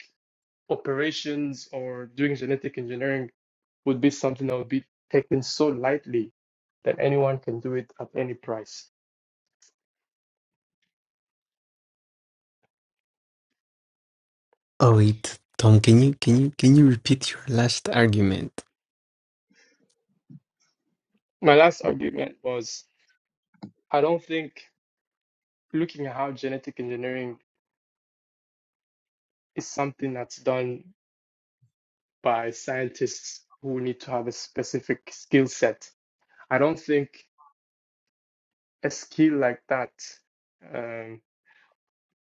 S2: operations or doing genetic engineering would be something that would be taken so lightly that anyone can do it at any price.
S4: Oh wait, Tom, can you can you can you repeat your last argument?
S2: My last argument was I don't think looking at how genetic engineering is something that's done by scientists who need to have a specific skill set. I don't think a skill like that um,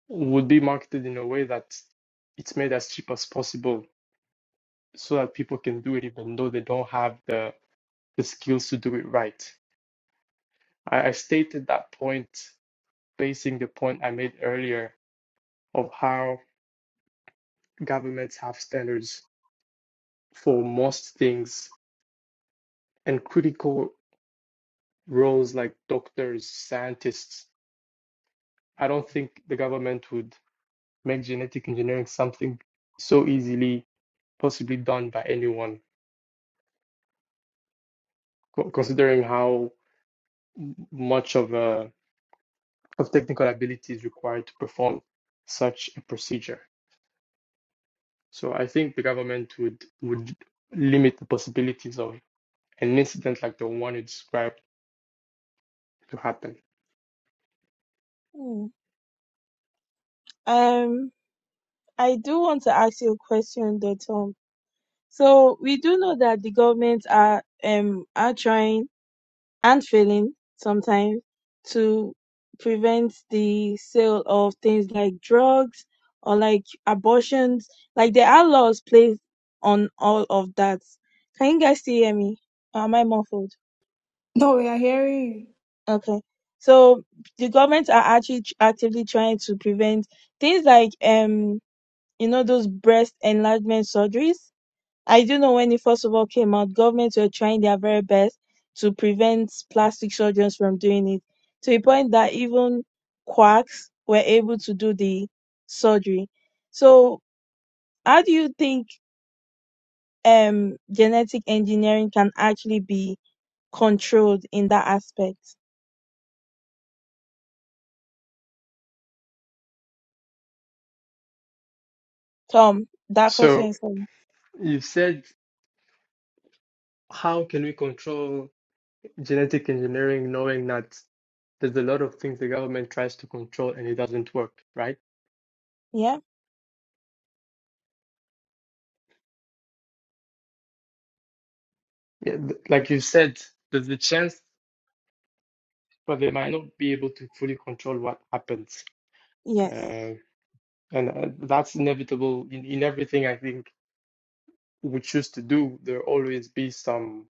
S2: would be marketed in a way that it's made as cheap as possible so that people can do it even though they don't have the, the skills to do it right. I, I stated that point basing the point I made earlier of how governments have standards for most things and critical roles like doctors, scientists. I don't think the government would make genetic engineering something so easily possibly done by anyone, co- considering how much of a of technical abilities required to perform such a procedure. So I think the government would would limit the possibilities of an incident like the one you described to happen.
S1: Hmm. Um, I do want to ask you a question, though, Tom. So we do know that the government are um are trying and failing sometimes to prevent the sale of things like drugs or like abortions. Like there are laws placed on all of that. Can you guys still hear me? Or am I muffled?
S3: No, we are hearing you.
S1: Okay. So the government are actually tr- actively trying to prevent things like um you know those breast enlargement surgeries I do know when it first of all came out, governments were trying their very best to prevent plastic surgeons from doing it to the point that even quacks were able to do the surgery. So, how do you think um, genetic engineering can actually be controlled in that aspect? Tom, that question
S2: So
S1: is um,
S2: you said, how can we control genetic engineering knowing that there's a lot of things the government tries to control and it doesn't work, right?
S1: yeah,
S2: Yeah, th- like you said, there's a chance, but they might not be able to fully control what happens.
S1: yes.
S2: Uh, and uh, that's inevitable in, in everything, I think we choose to do, there always be some,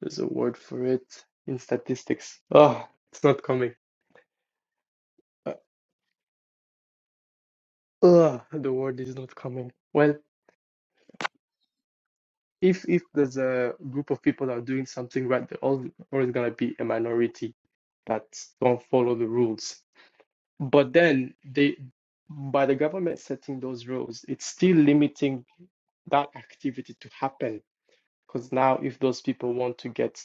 S2: there's a word for it in statistics. Ah, oh, it's not coming. Uh, ah, the word is not coming. Well, if if there's a group of people that are doing something right, there always gonna be a minority that don't follow the rules. But then they, by the government setting those rules, it's still limiting that activity to happen. Because now, if those people want to get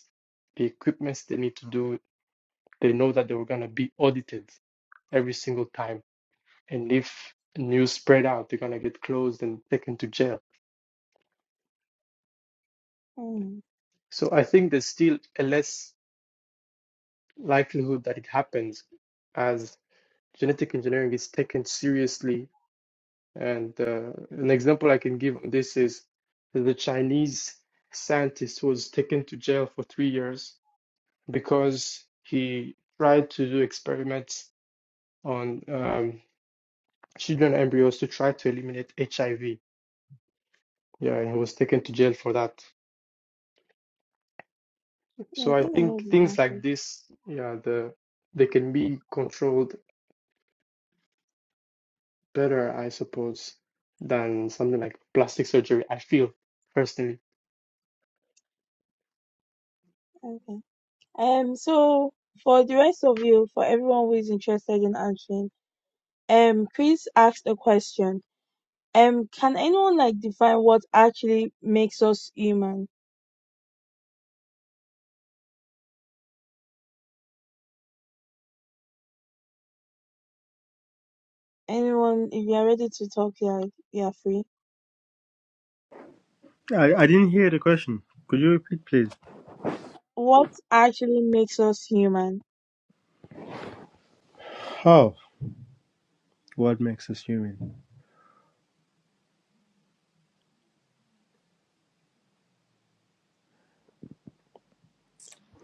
S2: the equipment they need to do they know that they were going to be audited every single time. And if news spread out, they're going to get closed and taken to jail.
S1: Hmm.
S2: So I think there's still a less likelihood that it happens as genetic engineering is taken seriously. And uh, an example I can give on this is the Chinese scientist who was taken to jail for three years because he tried to do experiments on um, children embryos to try to eliminate HIV Yeah, and he was taken to jail for that.
S1: Yeah, I
S2: So I
S1: think I heard
S2: think things
S1: about
S2: like
S1: it.
S2: this, yeah, the they can be controlled better, I suppose, than something like plastic surgery, I feel personally.
S1: Okay. Um. So for the rest of you, for everyone who is interested in answering. Um, Chris asked a question. Um, can anyone like define what actually makes us human? Anyone, if you're ready to talk, yeah, you're free.
S6: I didn't hear the question. Could you repeat, please?
S1: What actually makes us human?
S6: How? What makes us human?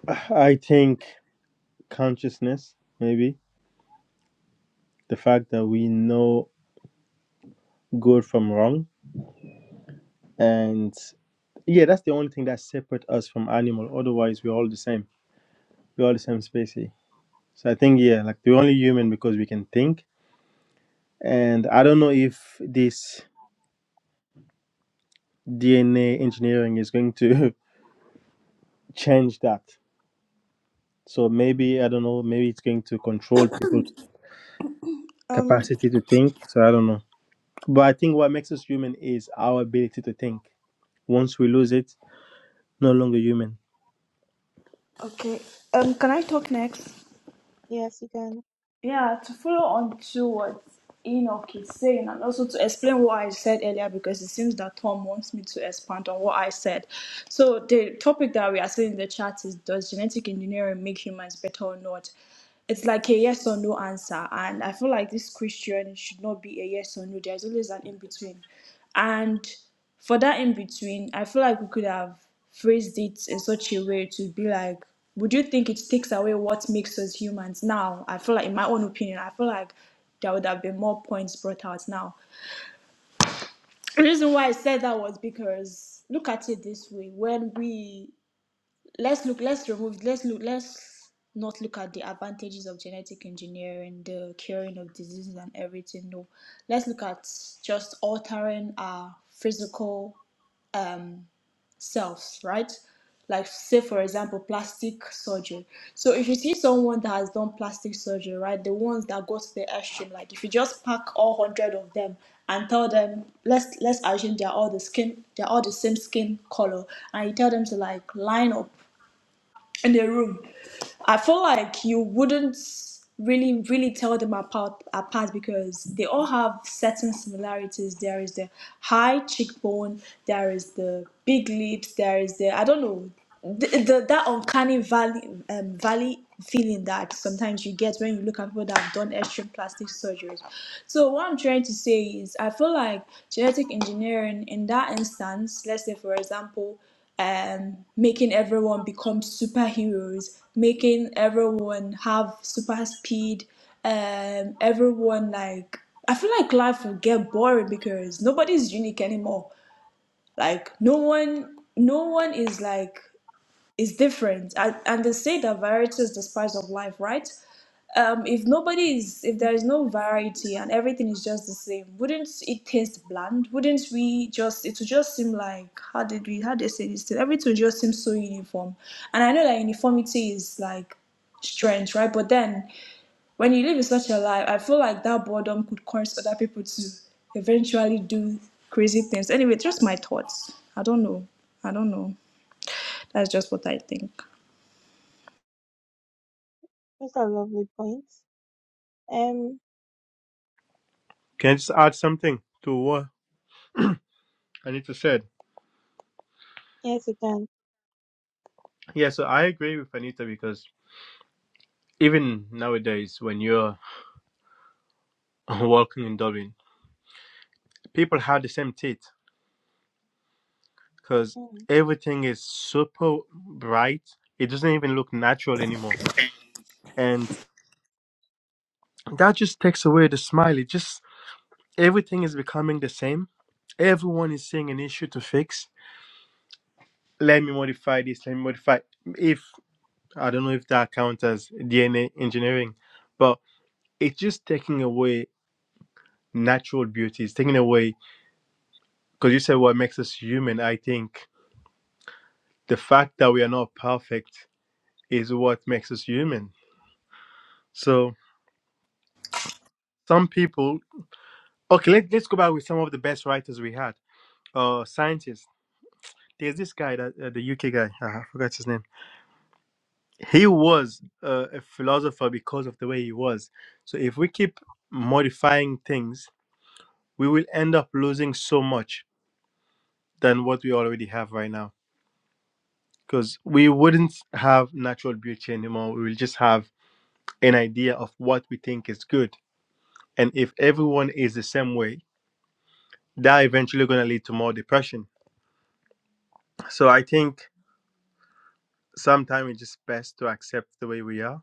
S6: I think consciousness, maybe. The fact that we know good from wrong. And yeah, that's the only thing that separates us from animal. Otherwise, we're all the same. We're all the same species. So I think yeah, like we're only human because we can think. And I don't know if this DNA engineering is going to change that. So maybe I don't know, maybe it's going to control people's
S3: Um
S6: capacity to think. So I don't know. But I think what makes us human is our ability to think. Once we lose it, no longer human.
S3: okay. Um can I talk next?
S1: Yes, you can.
S3: Yeah, to follow on to what Enoch is saying, and also to explain what I said earlier, because it seems that Tom wants me to expand on what I said. So, the topic that we are seeing in the chat is Does genetic engineering make humans better or not? It's like a yes or no answer, and I feel like this question should not be a yes or no, there's always an in between. And for that in between, I feel like we could have phrased it in such a way to be like, would you think it takes away what makes us humans now? I feel like, in my own opinion, I feel like there would have been more points brought out now. The reason why I said that was because look at it this way: when we let's look, let's remove, let's look, let's not look at the advantages of genetic engineering, the curing of diseases and everything. No, let's look at just altering our physical cells, right? Like, say, for example, plastic surgery. So, if you see someone that has done plastic surgery, right, the ones that go to the extreme, like if you just pack all hundred of them and tell them, let's let's assume they're all the skin, they're all the same skin color, and you tell them to like line up in the room. I feel like you wouldn't really really tell them apart apart because they all have certain similarities. There is the high cheekbone, there is the big lips, there is the I don't know the, the that uncanny valley um, valley feeling that sometimes you get when you look at people that have done extreme plastic surgeries. So what I'm trying to say is I feel like genetic engineering in that instance, let's say for example um, making everyone become superheroes, making everyone have super speed, um, everyone like I feel like life will get boring because nobody's unique anymore. Like no one, no one is like is different, and, and they say that variety is the spice of life, right? um, if nobody is, if
S1: Mhm.
S3: there is no variety and everything is just the same, wouldn't it taste bland? Wouldn't we just, it would just seem like, how did we, how did they say this? thing? Everything would just seem so uniform. And I know that uniformity is like strength, right? But then when you live in such a life, I feel like that boredom could cause other people to eventually do crazy things. Anyway, just my thoughts. I don't know. I don't know. That's just what I think.
S1: Those are lovely point. Um,
S6: Can I just add something to what Anita said?
S1: yes, you can.
S6: Yeah, so I agree with Anita because even nowadays when you're walking in Dublin, people have the same teeth because
S1: Mm,
S6: everything is super bright. It doesn't even look natural anymore. And that just takes away the smile. It just, everything is becoming the same. Everyone is seeing an issue to fix. Let me modify this, let me modify. If, I don't know if that counts as DNA engineering, but it's just taking away natural beauty. It's taking away, because you said what makes us human. I think the fact that we are not perfect is what makes us human. So, some people Okay, let, let's go back with some of the best writers we had, uh, scientists. There's this guy, that, uh, the UK guy, uh, I forgot his name. He was uh, a philosopher because of the way he was. So if we keep modifying things, we will end up losing so much than what we already have right now. Because we wouldn't have natural beauty anymore. We will just have an idea of what we think is good. And if everyone is the same way, that eventually going to lead to more depression. So I think sometimes it's just best to accept the way we are.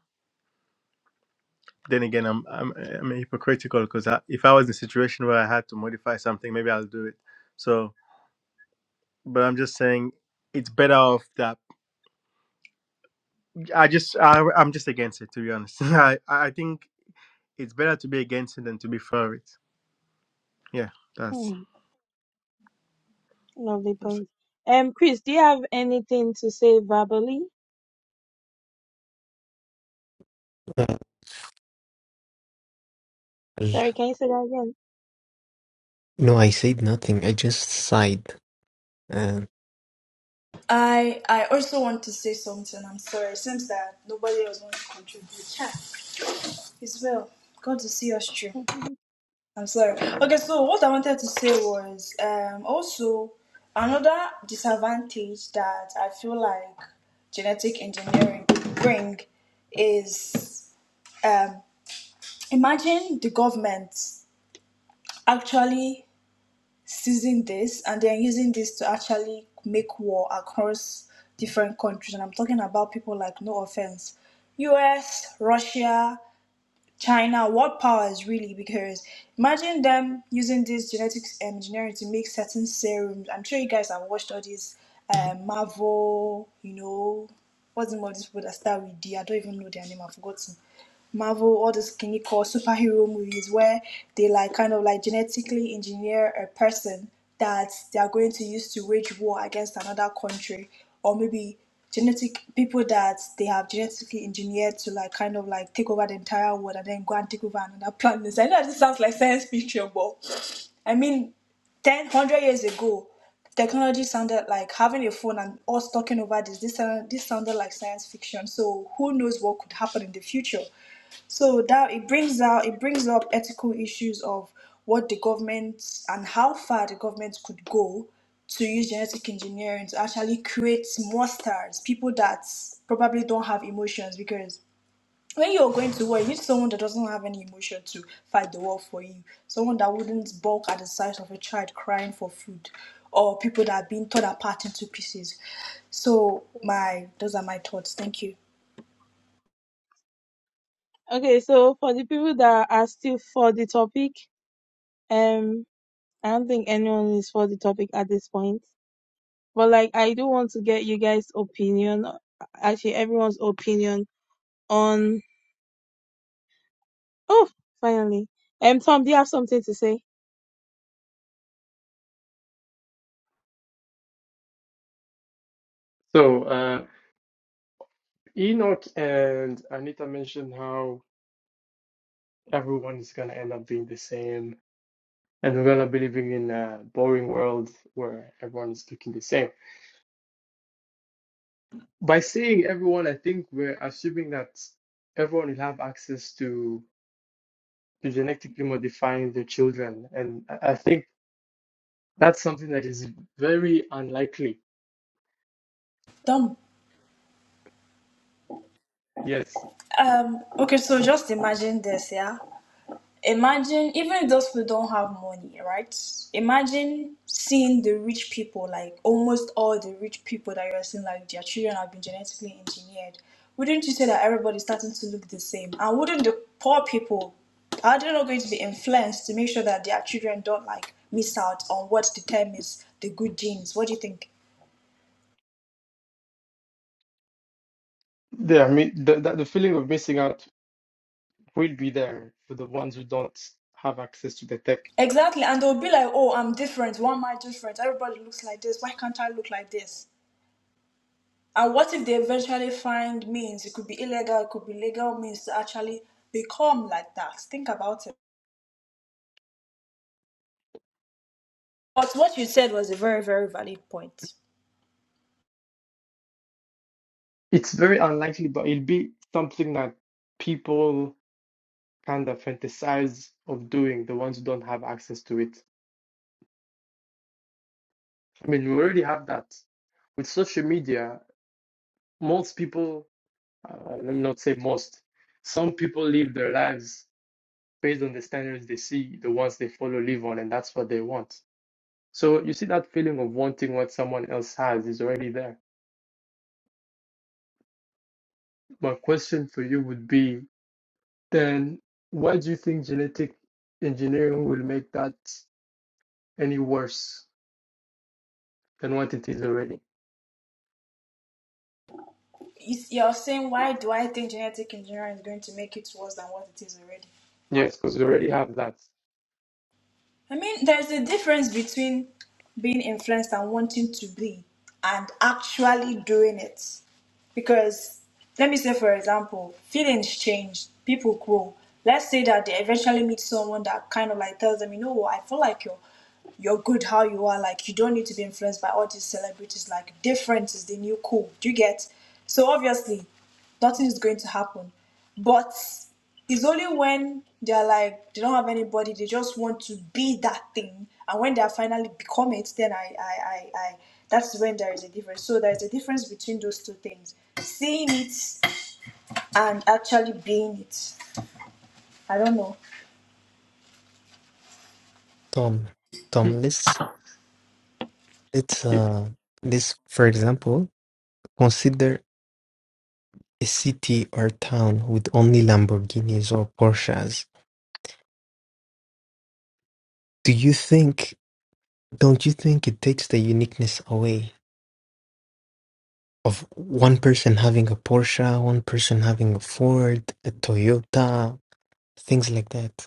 S6: Then again, I'm I'm I'm hypocritical because I, if I was in a situation where I had to modify something, maybe I'll do it. So, but I'm just saying it's better off that I just I, I'm just against it to be honest. I I think it's better to be against it than to be for it. Yeah, that's,
S1: mm, lovely
S6: that's it.
S1: point. Um, Chris, do you have anything to say verbally?
S4: Uh,
S1: Sorry, can you say that
S4: no, I said nothing. I just sighed. Uh,
S3: I I also want to say something. I'm sorry. It seems that nobody else wants to contribute. Yeah, it's well. God to see us through.
S1: again?
S3: I'm sorry. Okay, so what I wanted to say was um also another disadvantage that I feel like genetic engineering could bring is um imagine the government actually seizing this and then using this to actually make war across different countries. And I'm talking about people like, no offense, US, Russia, China, world powers really, because imagine them using this genetics um, engineering to make certain serums. I'm sure you guys have watched all these uh, Marvel, you know, what's the name of these people that start with D? I don't even know their name, I've forgotten. Marvel, all these can you call superhero movies where they like kind of like genetically engineer a person that they are going to use to wage war against another country or maybe genetic people that they have genetically engineered to like kind of like take over the entire world and then go and take over another planet. So I know this sounds like science fiction, but I mean, ten hundred years ago, technology sounded like having a phone and us talking over this. This, sound- this sounded like science fiction. So who knows what could happen in the future? So that it brings out it brings up ethical issues of what the government and how far the government could go to use genetic engineering to actually create monsters, people that probably don't have emotions because when you're going to war, you need someone that doesn't have any emotion to fight the war for you. Someone that wouldn't balk at the sight of a child crying for food or people that are being torn apart into pieces. So my those are my thoughts. Thank you.
S1: okay, so for the people that are still for the topic, um. I don't think anyone is for the topic at this point. But like I do want to get you guys' opinion actually everyone's opinion on oh finally. Um Tom, do you have something to say?
S2: So uh, Enoch and Anita mentioned how everyone is gonna end up being the same, and we're gonna be living in a boring world where everyone is looking the same. By saying everyone, I think we're assuming that everyone will have access to. to genetically modifying their children. And I I think that's something that is very unlikely.
S3: Done.
S2: Yes,
S3: Um, okay, so just imagine this, yeah. Imagine even if those people don't have money, right? Imagine seeing the rich people, like almost all the rich people that you're seeing, like their children have been genetically engineered. Wouldn't you say that everybody's starting to look the same? And wouldn't the poor people are they not going to be influenced to make sure that their children don't like miss out on what determines the good genes? What do you think?
S2: the, I mean, the, the the feeling of missing out will be there for the ones who don't have access to the tech.
S3: Exactly, and they'll be like, "Oh, I'm different. Why am I different? Everybody looks like this. Why can't I look like this?" And what if they eventually find means? It could be illegal, it could be legal means to actually become like that. Think about it. But what you said was a very, very valid point.
S2: It's very unlikely, but it'll be something that people kind of fantasize of doing, the ones who don't have access to it. I mean, we already have that. With social media, most people, uh, let me not say most, some people live their lives based on the standards they see, the ones they follow live on, and that's what they want. So you see that feeling of wanting what someone else has is already there. My question for you would be then why do you think genetic engineering will make that any worse than what it is already?
S3: It's- You're saying, why do I think genetic engineering is going to make it worse than what it is already?
S2: Yes, because we already have that.
S3: I mean, there's a difference between being influenced and wanting to be and actually doing it. Because, let me say, for example, feelings change, people grow. Let's say that they eventually meet someone that kind of like tells them, you know what, I feel like you're you're good how you are, like you don't need to be influenced by all these celebrities, like different is the new cool. Do you get? So obviously nothing is going to happen. But it's only when they're like they don't have anybody, they just want to be that thing, and when they are finally become it, then I, I, I, I that's when there is a difference. So there is a difference between those two things: seeing it and actually being it. I don't know.
S4: Tom, Tom, let's let's uh let's for example consider a city or town with only Lamborghinis or Porsches. Do you think? Don't you think it takes the uniqueness away of one person having a Porsche, one person having a Ford, a Toyota, things like that?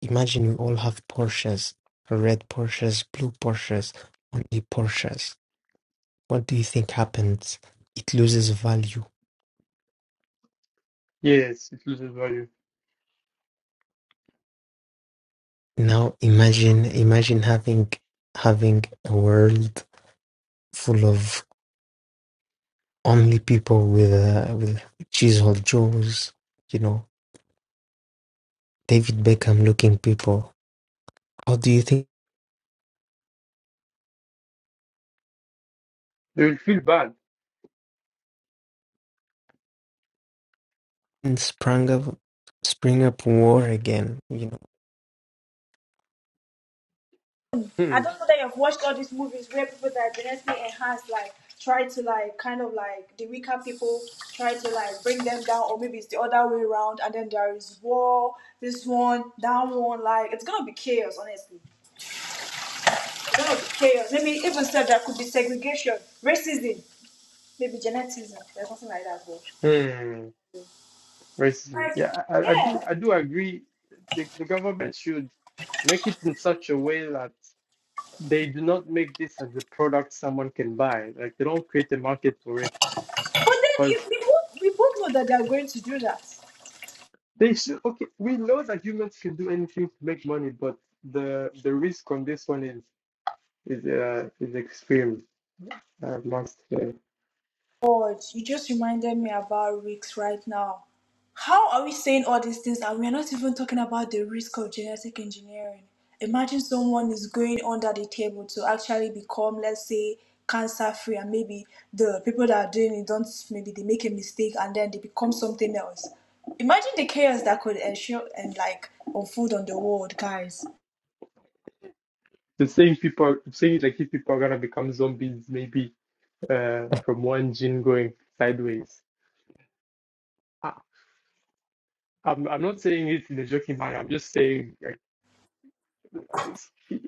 S4: Imagine you all have Porsches, red Porsches, blue Porsches, only Porsches. What do you think happens? It loses value.
S2: Yes, it loses value.
S4: Now imagine imagine having having a world full of only people with uh, with chiseled jaws, you know, David Beckham looking people. How do you think
S2: They will feel bad.
S4: sprang up spring up war again? You know,
S2: Hmm.
S3: I don't know that you've watched all these movies where people that are genetically enhanced like try to like kind of like the weaker people try to like bring them down or maybe it's the other way around and then there is war, this one, that one, like it's gonna be chaos honestly. It's gonna be chaos. Maybe even said that could be segregation, racism, maybe geneticism. There's nothing like that though.
S2: Hmm. Racism.
S3: Like
S2: Yeah, I, I I do
S3: yeah.
S2: I do agree the, the government should make it in such a way that they do not make this as a product someone can buy. Like they don't create a market for it
S3: But then
S2: because
S3: if we both we both know that they are going to do that.
S2: they should. Okay, we know that humans can do anything to make money, but the the risk on this one is is uh, is extreme. I must say.
S3: God, you just reminded me about risks right now. How are we saying all these things and we're not even talking about the risk of genetic engineering? Imagine someone is going under the table to actually become, let's say, cancer free, and maybe the people that are doing it don't, maybe they make a mistake and then they become something else. Imagine the chaos that could ensure and like unfold on the world, guys.
S2: The same people saying like if people are gonna become zombies, maybe uh, from one gene going sideways. I, I'm I'm not saying it in a joking manner. I'm just saying like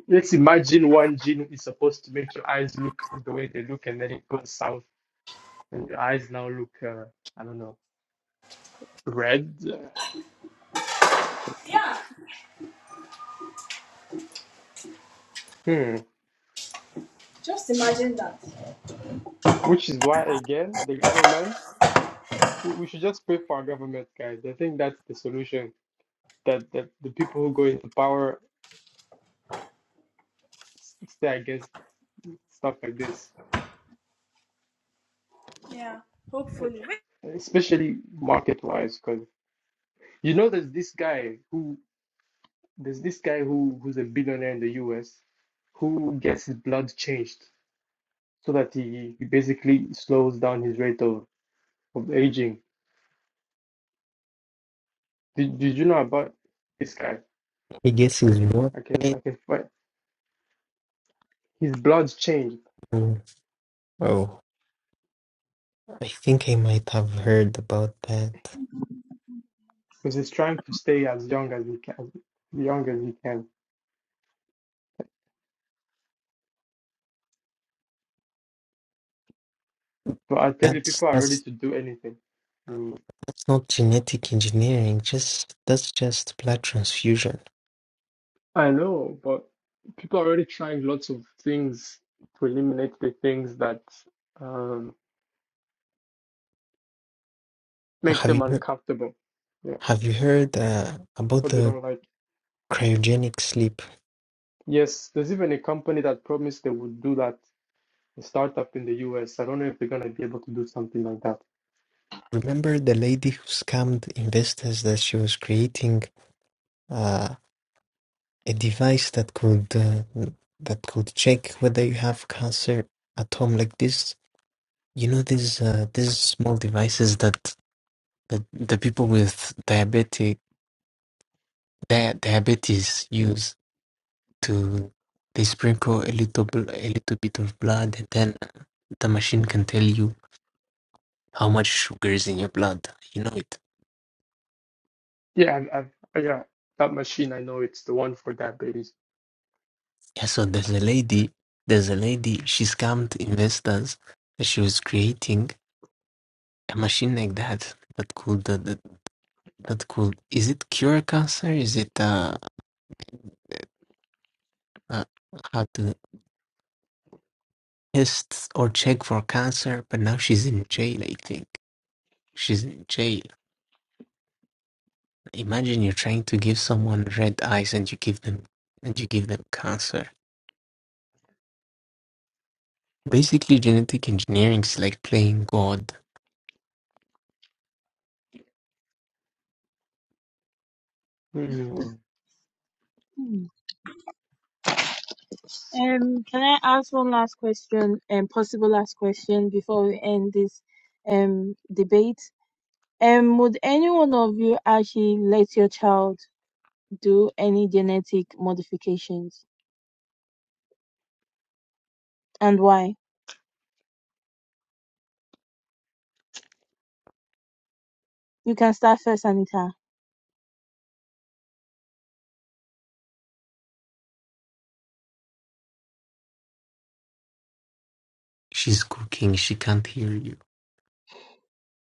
S2: let's imagine one gene is supposed to make your eyes look the way they look, and then it goes south and the eyes now look, uh, I don't know, red.
S3: Yeah,
S2: Hmm.
S3: just imagine that.
S2: Which is why, again, the government, we, we should just pray for our government, guys. I think that's the solution. That, that the people who go into power s- stay against stuff like this,
S3: Yeah, hopefully. Wait,
S2: especially market-wise. Because you know, there's this guy who there's this guy who who's a billionaire in the U.S. who gets his blood changed so that he, he basically slows down his rate of, of aging. Did, did you know about this guy?
S4: I guess it's war.
S2: I can I can fight. His blood's changed
S4: Oh, I think I might have heard about that.
S2: because he's trying to stay as young as he can, young as he can. But I tell you,
S4: That's
S2: people are ready
S4: that's
S2: to do anything. Mm.
S4: that's not genetic engineering. Just that's just blood transfusion.
S2: I know, but people are already trying lots of things to eliminate the things that um, make
S4: Have
S2: them
S4: you heard,
S2: uncomfortable. Yeah,
S4: have you heard uh, about
S2: what they
S4: the
S2: don't like.
S4: cryogenic sleep?
S2: Yes, there's even a company that promised they would do that. A startup in the US. I don't know if they're gonna be able to do something like that.
S4: Remember the lady who scammed investors that she was creating uh, a device that could uh, that could check whether you have cancer at home, like this. You know these uh, these small devices that that the people with diabetic dia- diabetes use to they sprinkle a little bl- a little bit of blood and then the machine can tell you how much sugar is in your blood you know it
S2: Yeah, I've, I've, yeah, that machine. I know it's the one for diabetes.
S4: yeah so there's a lady there's a lady she scammed investors that she was creating a machine like that that could uh, that, that could is it cure cancer is it uh, uh how to test or check for cancer but now she's in jail i think she's in jail Imagine you're trying to give someone red eyes and you give them and you give them cancer. Basically, genetic engineering is like playing God.
S2: Hmm.
S1: Hmm. Um can I ask one last question um, possible last question before we end this um debate? Um would any one of you actually let your child do any genetic modifications? And why? You can start first, Anita.
S4: She's cooking. She can't hear you.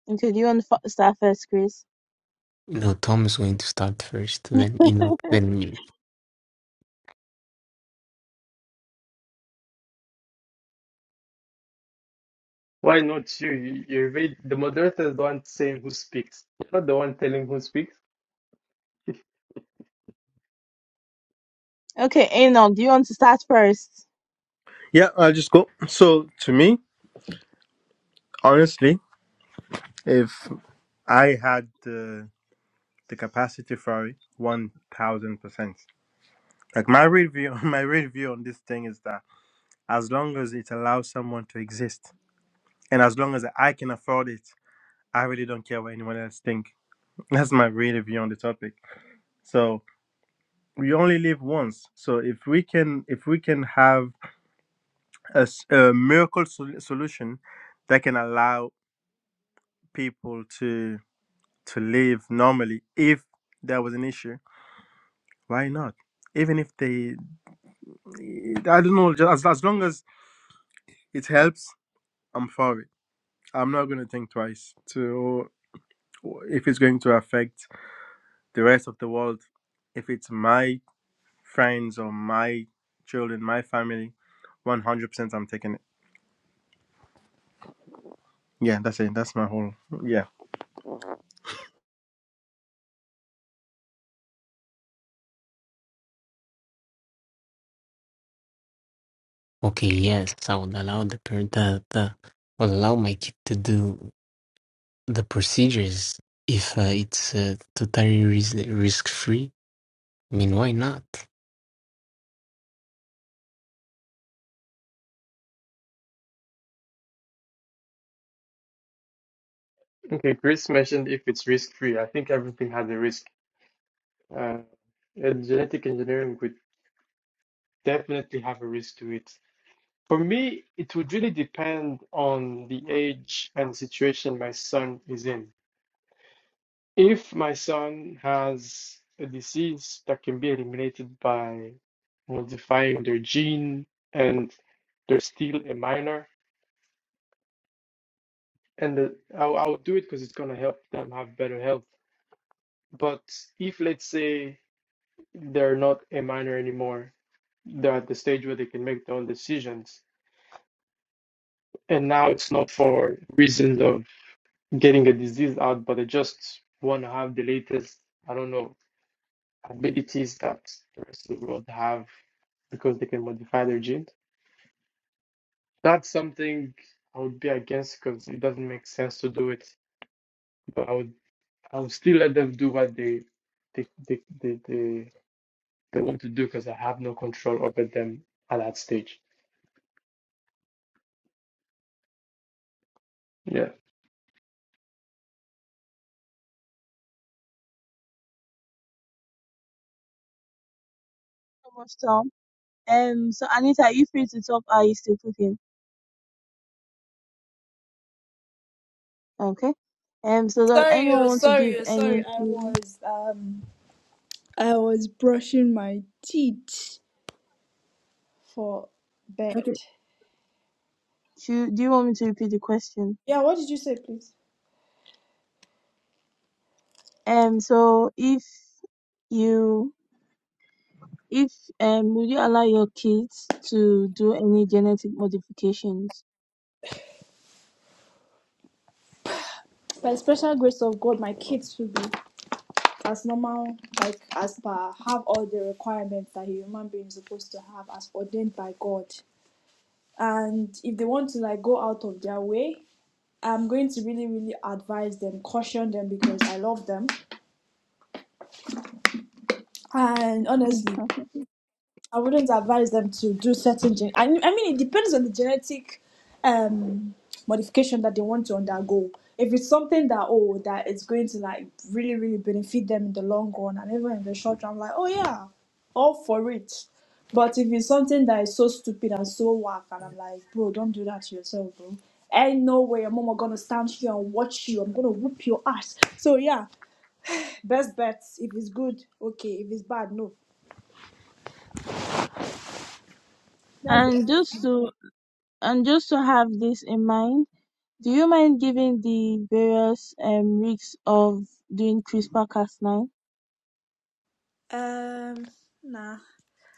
S1: Okay, do you want to f- start first, Chris?
S4: You know, Tom is going to start first, then Enoch, then me.
S2: Why not you? You- You're very, the moderator is the one saying who speaks. not the one telling who speaks.
S1: Okay, Anon, do you want to start first?
S6: yeah. I'll just go. So to me, honestly, if I had the the capacity for it, one thousand percent. Like my real view, my real view on this thing is that as long as it allows someone to exist and as long as i can afford it i really don't care what anyone else think that's my really view on the topic so we only live once so if we can if we can have a, s- a miracle sol- solution that can allow people to to live normally if there was an issue why not even if they i don't know just as, as long as it helps i'm for it i'm not going to think twice to if it's going to affect the rest of the world, if it's my friends or my children, my family, 100% I'm taking it. Yeah, that's it. That's my whole. Yeah.
S4: Okay, yes, I would allow the per the, the will allow my kid to do the procedures if uh, it's uh, totally risk risk free. I mean, why not?
S2: Okay, Chris mentioned if it's risk-free. I think everything has a risk. Uh, and genetic engineering would definitely have a risk to it. For me, it would really depend on the age and situation my son is in. If my son has a disease that can be eliminated by modifying their gene and they're still a minor, and the, I, I would do it because it's gonna help them have better health. But if let's say they're not a minor anymore, they're at the stage where they can make their own decisions, and now it's not for reasons of getting a disease out, but they just want to have the latest, I don't know, abilities that the rest of the world have because they can modify their genes. That's something I would be against because it doesn't make sense to do it. But I would I would still let them do what they they they they, they they want to do because I have no control over them at that stage. Yeah.
S1: So much Tom. Um, so Anita, are you free to talk? Or Are you still cooking? Okay. Um, so does
S3: Sorry,
S1: anyone
S3: oh,
S1: want to give
S3: sorry, oh, sorry.
S1: any?
S3: I was um. I was brushing my teeth for bed.
S1: Okay. Should, do you want me to repeat the question?
S3: Yeah, what did you say, please?
S1: Um, so if you, if um, would you allow your kids to do any genetic modifications?
S3: By the special grace of God, my kids will be as normal, like as per have all the requirements that a human being is supposed to have, as ordained by God. And if they want to like go out of their way, I'm going to really, really advise them, caution them because I love them. And
S1: Mm,
S3: honestly,
S1: Okay.
S3: I wouldn't advise them to do certain gen- I, mean- I mean it depends on the genetic um modification that they want to undergo. If it's something that oh that is going to like really really benefit them in the long run and even in the short run, like oh yeah, all for it. But if it's something that is so stupid and so whack, and I'm like, bro, don't do that to yourself, bro. Ain't no way your mama gonna stand here and watch you. I'm gonna whoop your ass. So yeah, best bets. If it's good, okay. If it's bad, no. That's the
S1: And
S3: end.
S1: just
S3: of it.
S1: to and just to have this in mind. Do you mind giving the various um, risks of doing CRISPR Cas9?
S3: Um, nah,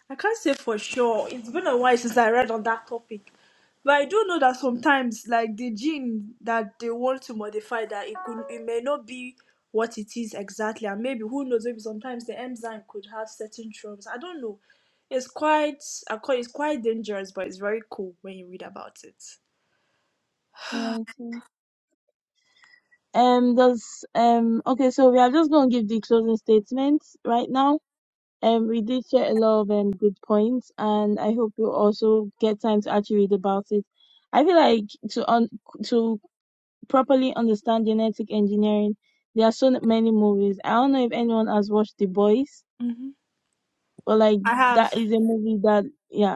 S3: I can't say for sure. It's been a while since I read on that topic, but I do know that sometimes, like the gene that they want to modify, that it could, it may not be what it is exactly, and maybe who knows? Maybe sometimes the enzyme could have certain troubles. I don't know. It's quite, I call it's quite dangerous, but it's very cool when you read about it.
S1: Yeah, it is. Um, does um okay, so we are just gonna give the closing statements right now. Um, we did share a lot of um good points, and I hope you also get time to actually read about it. I feel like to un- to properly understand genetic engineering, there are so n- many movies. I don't know if anyone has watched The Boys,
S3: Mm-hmm.
S1: but like
S3: I have.
S1: that is a movie that yeah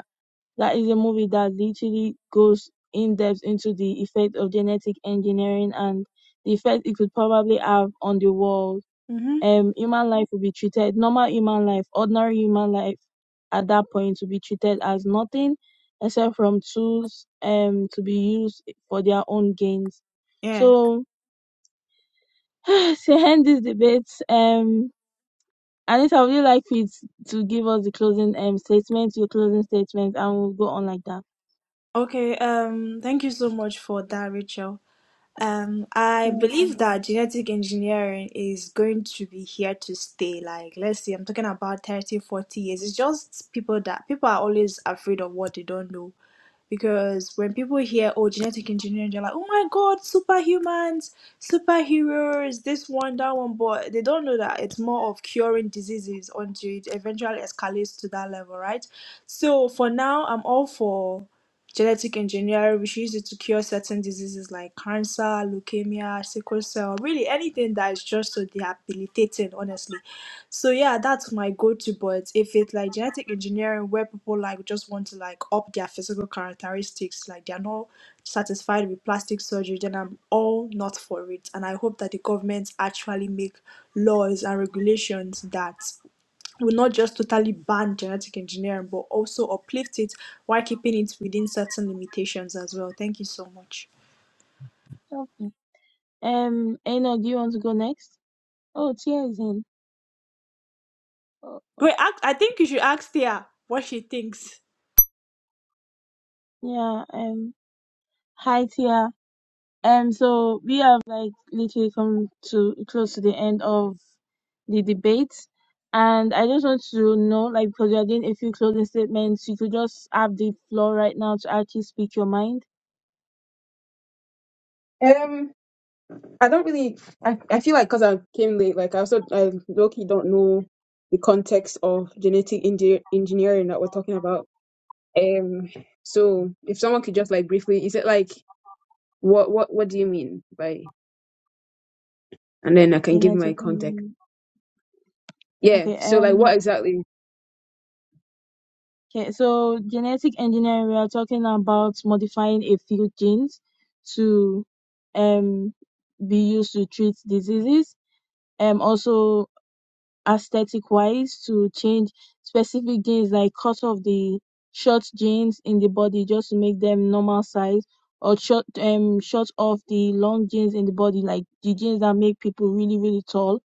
S1: That is a movie that literally goes in depth into the effect of genetic engineering and the effect it could probably have on the world.
S3: Mm-hmm.
S1: Um, human life will be treated normal human life, ordinary human life at that point will be treated as nothing except from tools um to be used for their own gains.
S3: Yeah.
S1: So to end this debate, um Anita, would you like it to give us the closing um statement, your closing statement, and we'll go on like that.
S3: Okay. Um. Thank you so much for that, Rachel. Um, I believe that genetic engineering is going to be here to stay. Like, let's see, I'm talking about 30, 40 years. It's just people that people are always afraid of what they don't know. Because when people hear, oh, genetic engineering, they're like, oh my God, superhumans, superheroes, this one, that one. But they don't know that it's more of curing diseases until it eventually escalates to that level, right? So for now, I'm all for. Genetic engineering, which uses it to cure certain diseases like cancer, leukemia, sickle cell, really anything that is just so debilitating, honestly. So yeah, that's my go-to. But if it's like genetic engineering, where people like just want to like up their physical characteristics, like they're not satisfied with plastic surgery, then I'm all not for it. And I hope that the government actually make laws and regulations that will not just totally ban genetic engineering, but also uplift it while keeping it within certain limitations as well. Thank you so much.
S1: Okay. Um, Enoch, do you want to go next? Oh, Tia is in. Oh, oh.
S3: Wait, I, I think you should ask Thea what she thinks.
S1: yeah. Um, hi Tia. Um, so we have like literally come to close to the end of the debate, and I just want to know, like, because you are doing a few closing statements, you could just have the floor right now to actually speak your mind.
S7: Um, I don't really. I, I feel like because I came late, like I also I low key don't know the context of genetic engi- engineering that we're talking about. Um, so if someone could just like briefly, is it like what what what do you mean by? And then I can give my
S1: Genetic.
S7: context.
S1: Um,
S7: Yeah.
S1: okay.
S7: So like,
S1: Um.
S7: what exactly?
S1: Okay. So genetic engineering, we are talking about modifying a few genes to, um. be used to treat diseases. Um, also aesthetic wise to change specific genes like cut off the short genes in the body just to make them normal size or short um short off the long genes in the body like the genes that make people really really tall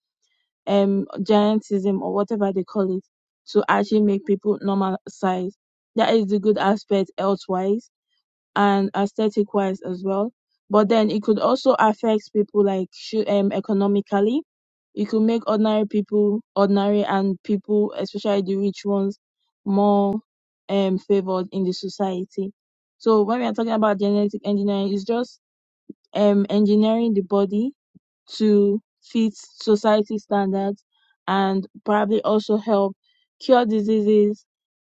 S1: um giantism or whatever they call it to actually make people normal size that is the good aspect health wise and aesthetic wise as well. But then it could also affect people like sho- um economically. It could make ordinary people ordinary and people, especially the rich ones, more um favored in the society. So when we are talking about genetic engineering, it's just um engineering the body to fit society standards and probably also help cure diseases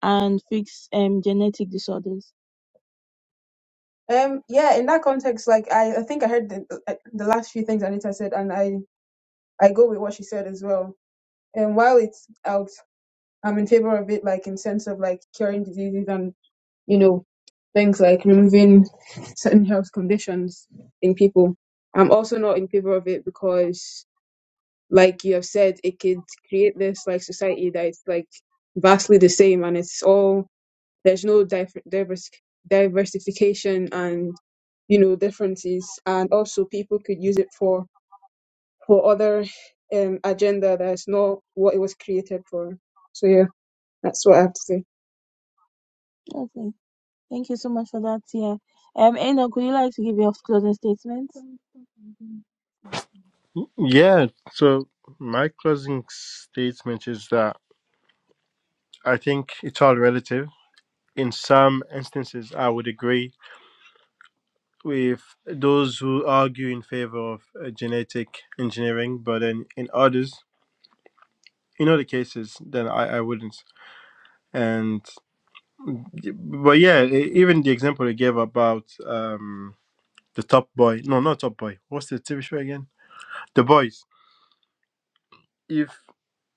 S1: and fix um genetic disorders.
S7: Um. Yeah. In that context, like I I think I heard the uh, the last few things Anita said, and I I go with what she said as well. And while it's out, I'm in favor of it, like in sense of like curing diseases and. you know, things like removing certain health conditions in people. I'm also not in favor of it because, like you have said, it could create this like society that is like vastly the same and it's all there's no diver- divers- diversification and you know differences and also people could use it for for other um agenda that's not what it was created for so yeah that's what i have to say
S1: Okay. Thank you so much for that. Yeah. Um, Enoch, would you like to give your closing statement?
S6: Yeah. So, my closing statement is that I think it's all relative. In some instances, I would agree with those who argue in favor of uh, genetic engineering, but then in others, in other cases, then I, I wouldn't. And. But yeah, e- even the example they gave about um the Top Boy, no, not Top Boy. What's the TV show again? The Boys. If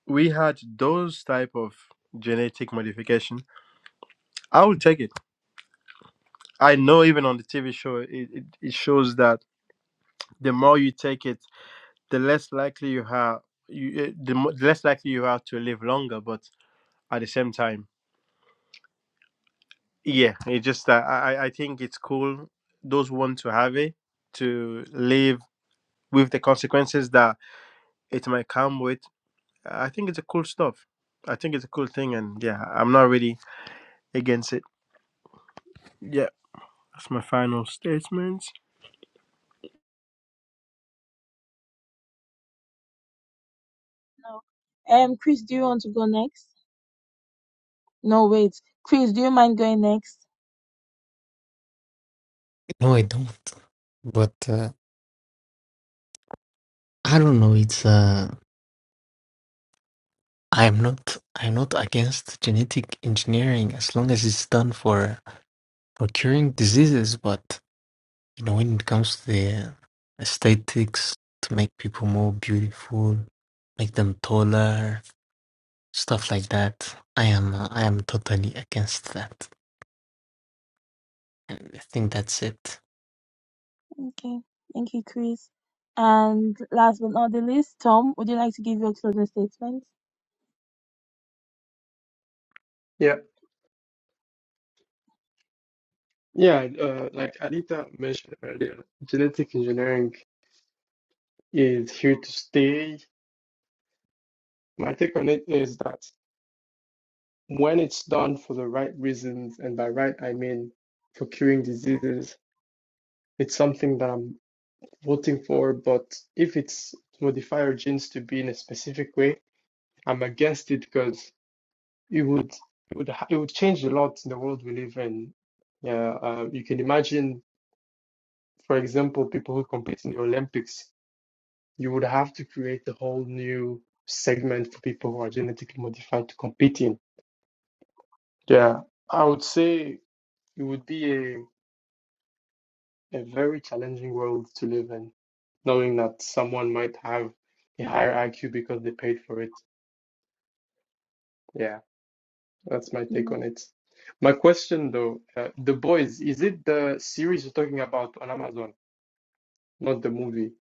S6: we had those type of genetic modification, I would take it. I know even on the TV show, it, it, it shows that the more you take it, the less likely you have you, eh, the mo- the less likely you are to live longer. But at the same time, yeah, it just uh, I I I think it's cool. Those who want to have it to live with the consequences that it might come with. I think it's a cool stuff. I think it's a cool thing, and yeah, I'm not really against it. Yeah, that's my final statement.
S1: No. Um, Chris, do you want to go next? No, wait. Chris, do you mind going next?
S4: No, I don't. But uh, I don't know. It's uh I'm not I'm not against genetic engineering as long as it's done for for curing diseases, but you know when it comes to the aesthetics to make people more beautiful, make them taller, stuff like that, I am I am totally against that. And I think that's it.
S1: Okay. Thank you, Chris. And last but not the least, Tom, would you like to give your closing statement?
S2: Yeah. Yeah. Uh, like Anita mentioned earlier, genetic engineering is here to stay. My take on it is that when it's done for the right reasons, and by right, I mean for curing diseases, it's something that I'm voting for. But if it's to modify our genes to be in a specific way, I'm against it because it would it would ha- it would change a lot in the world we live in. Yeah, uh, you can imagine, for example, people who compete in the Olympics. You would have to create a whole new segment for people who are genetically modified to compete in. Yeah, I would say it would be a a very challenging world to live in, knowing that someone might have a higher IQ because they paid for it. Yeah. That's my take
S1: Yeah.
S2: on it. My question though, uh, The Boys, is it the series you're talking about on Amazon, not the movie?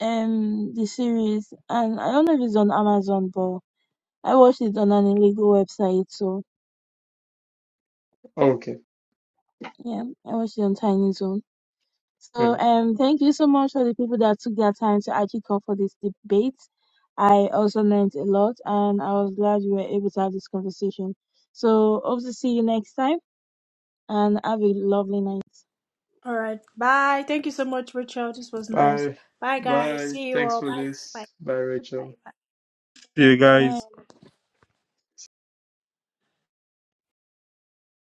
S1: Um, the series, and I don't know if it's on Amazon, but I watched it on an illegal website, so
S2: Okay.
S1: yeah, I watched it on Tiny Zone. So
S2: Yeah.
S1: um, thank you so much for the people that took their time to actually come for this debate. I also learned a lot, and I was glad we were able to have this conversation. So hope to see you next time, and have a lovely night.
S3: All right, bye. Thank you so much, Rachel. This was nice.
S2: Bye.
S3: Bye, guys.
S2: Bye.
S3: See you
S2: Thanks
S3: all.
S2: for
S3: Bye. Bye.
S2: this. Bye, Rachel.
S3: Bye.
S6: See you
S1: Bye.
S6: guys.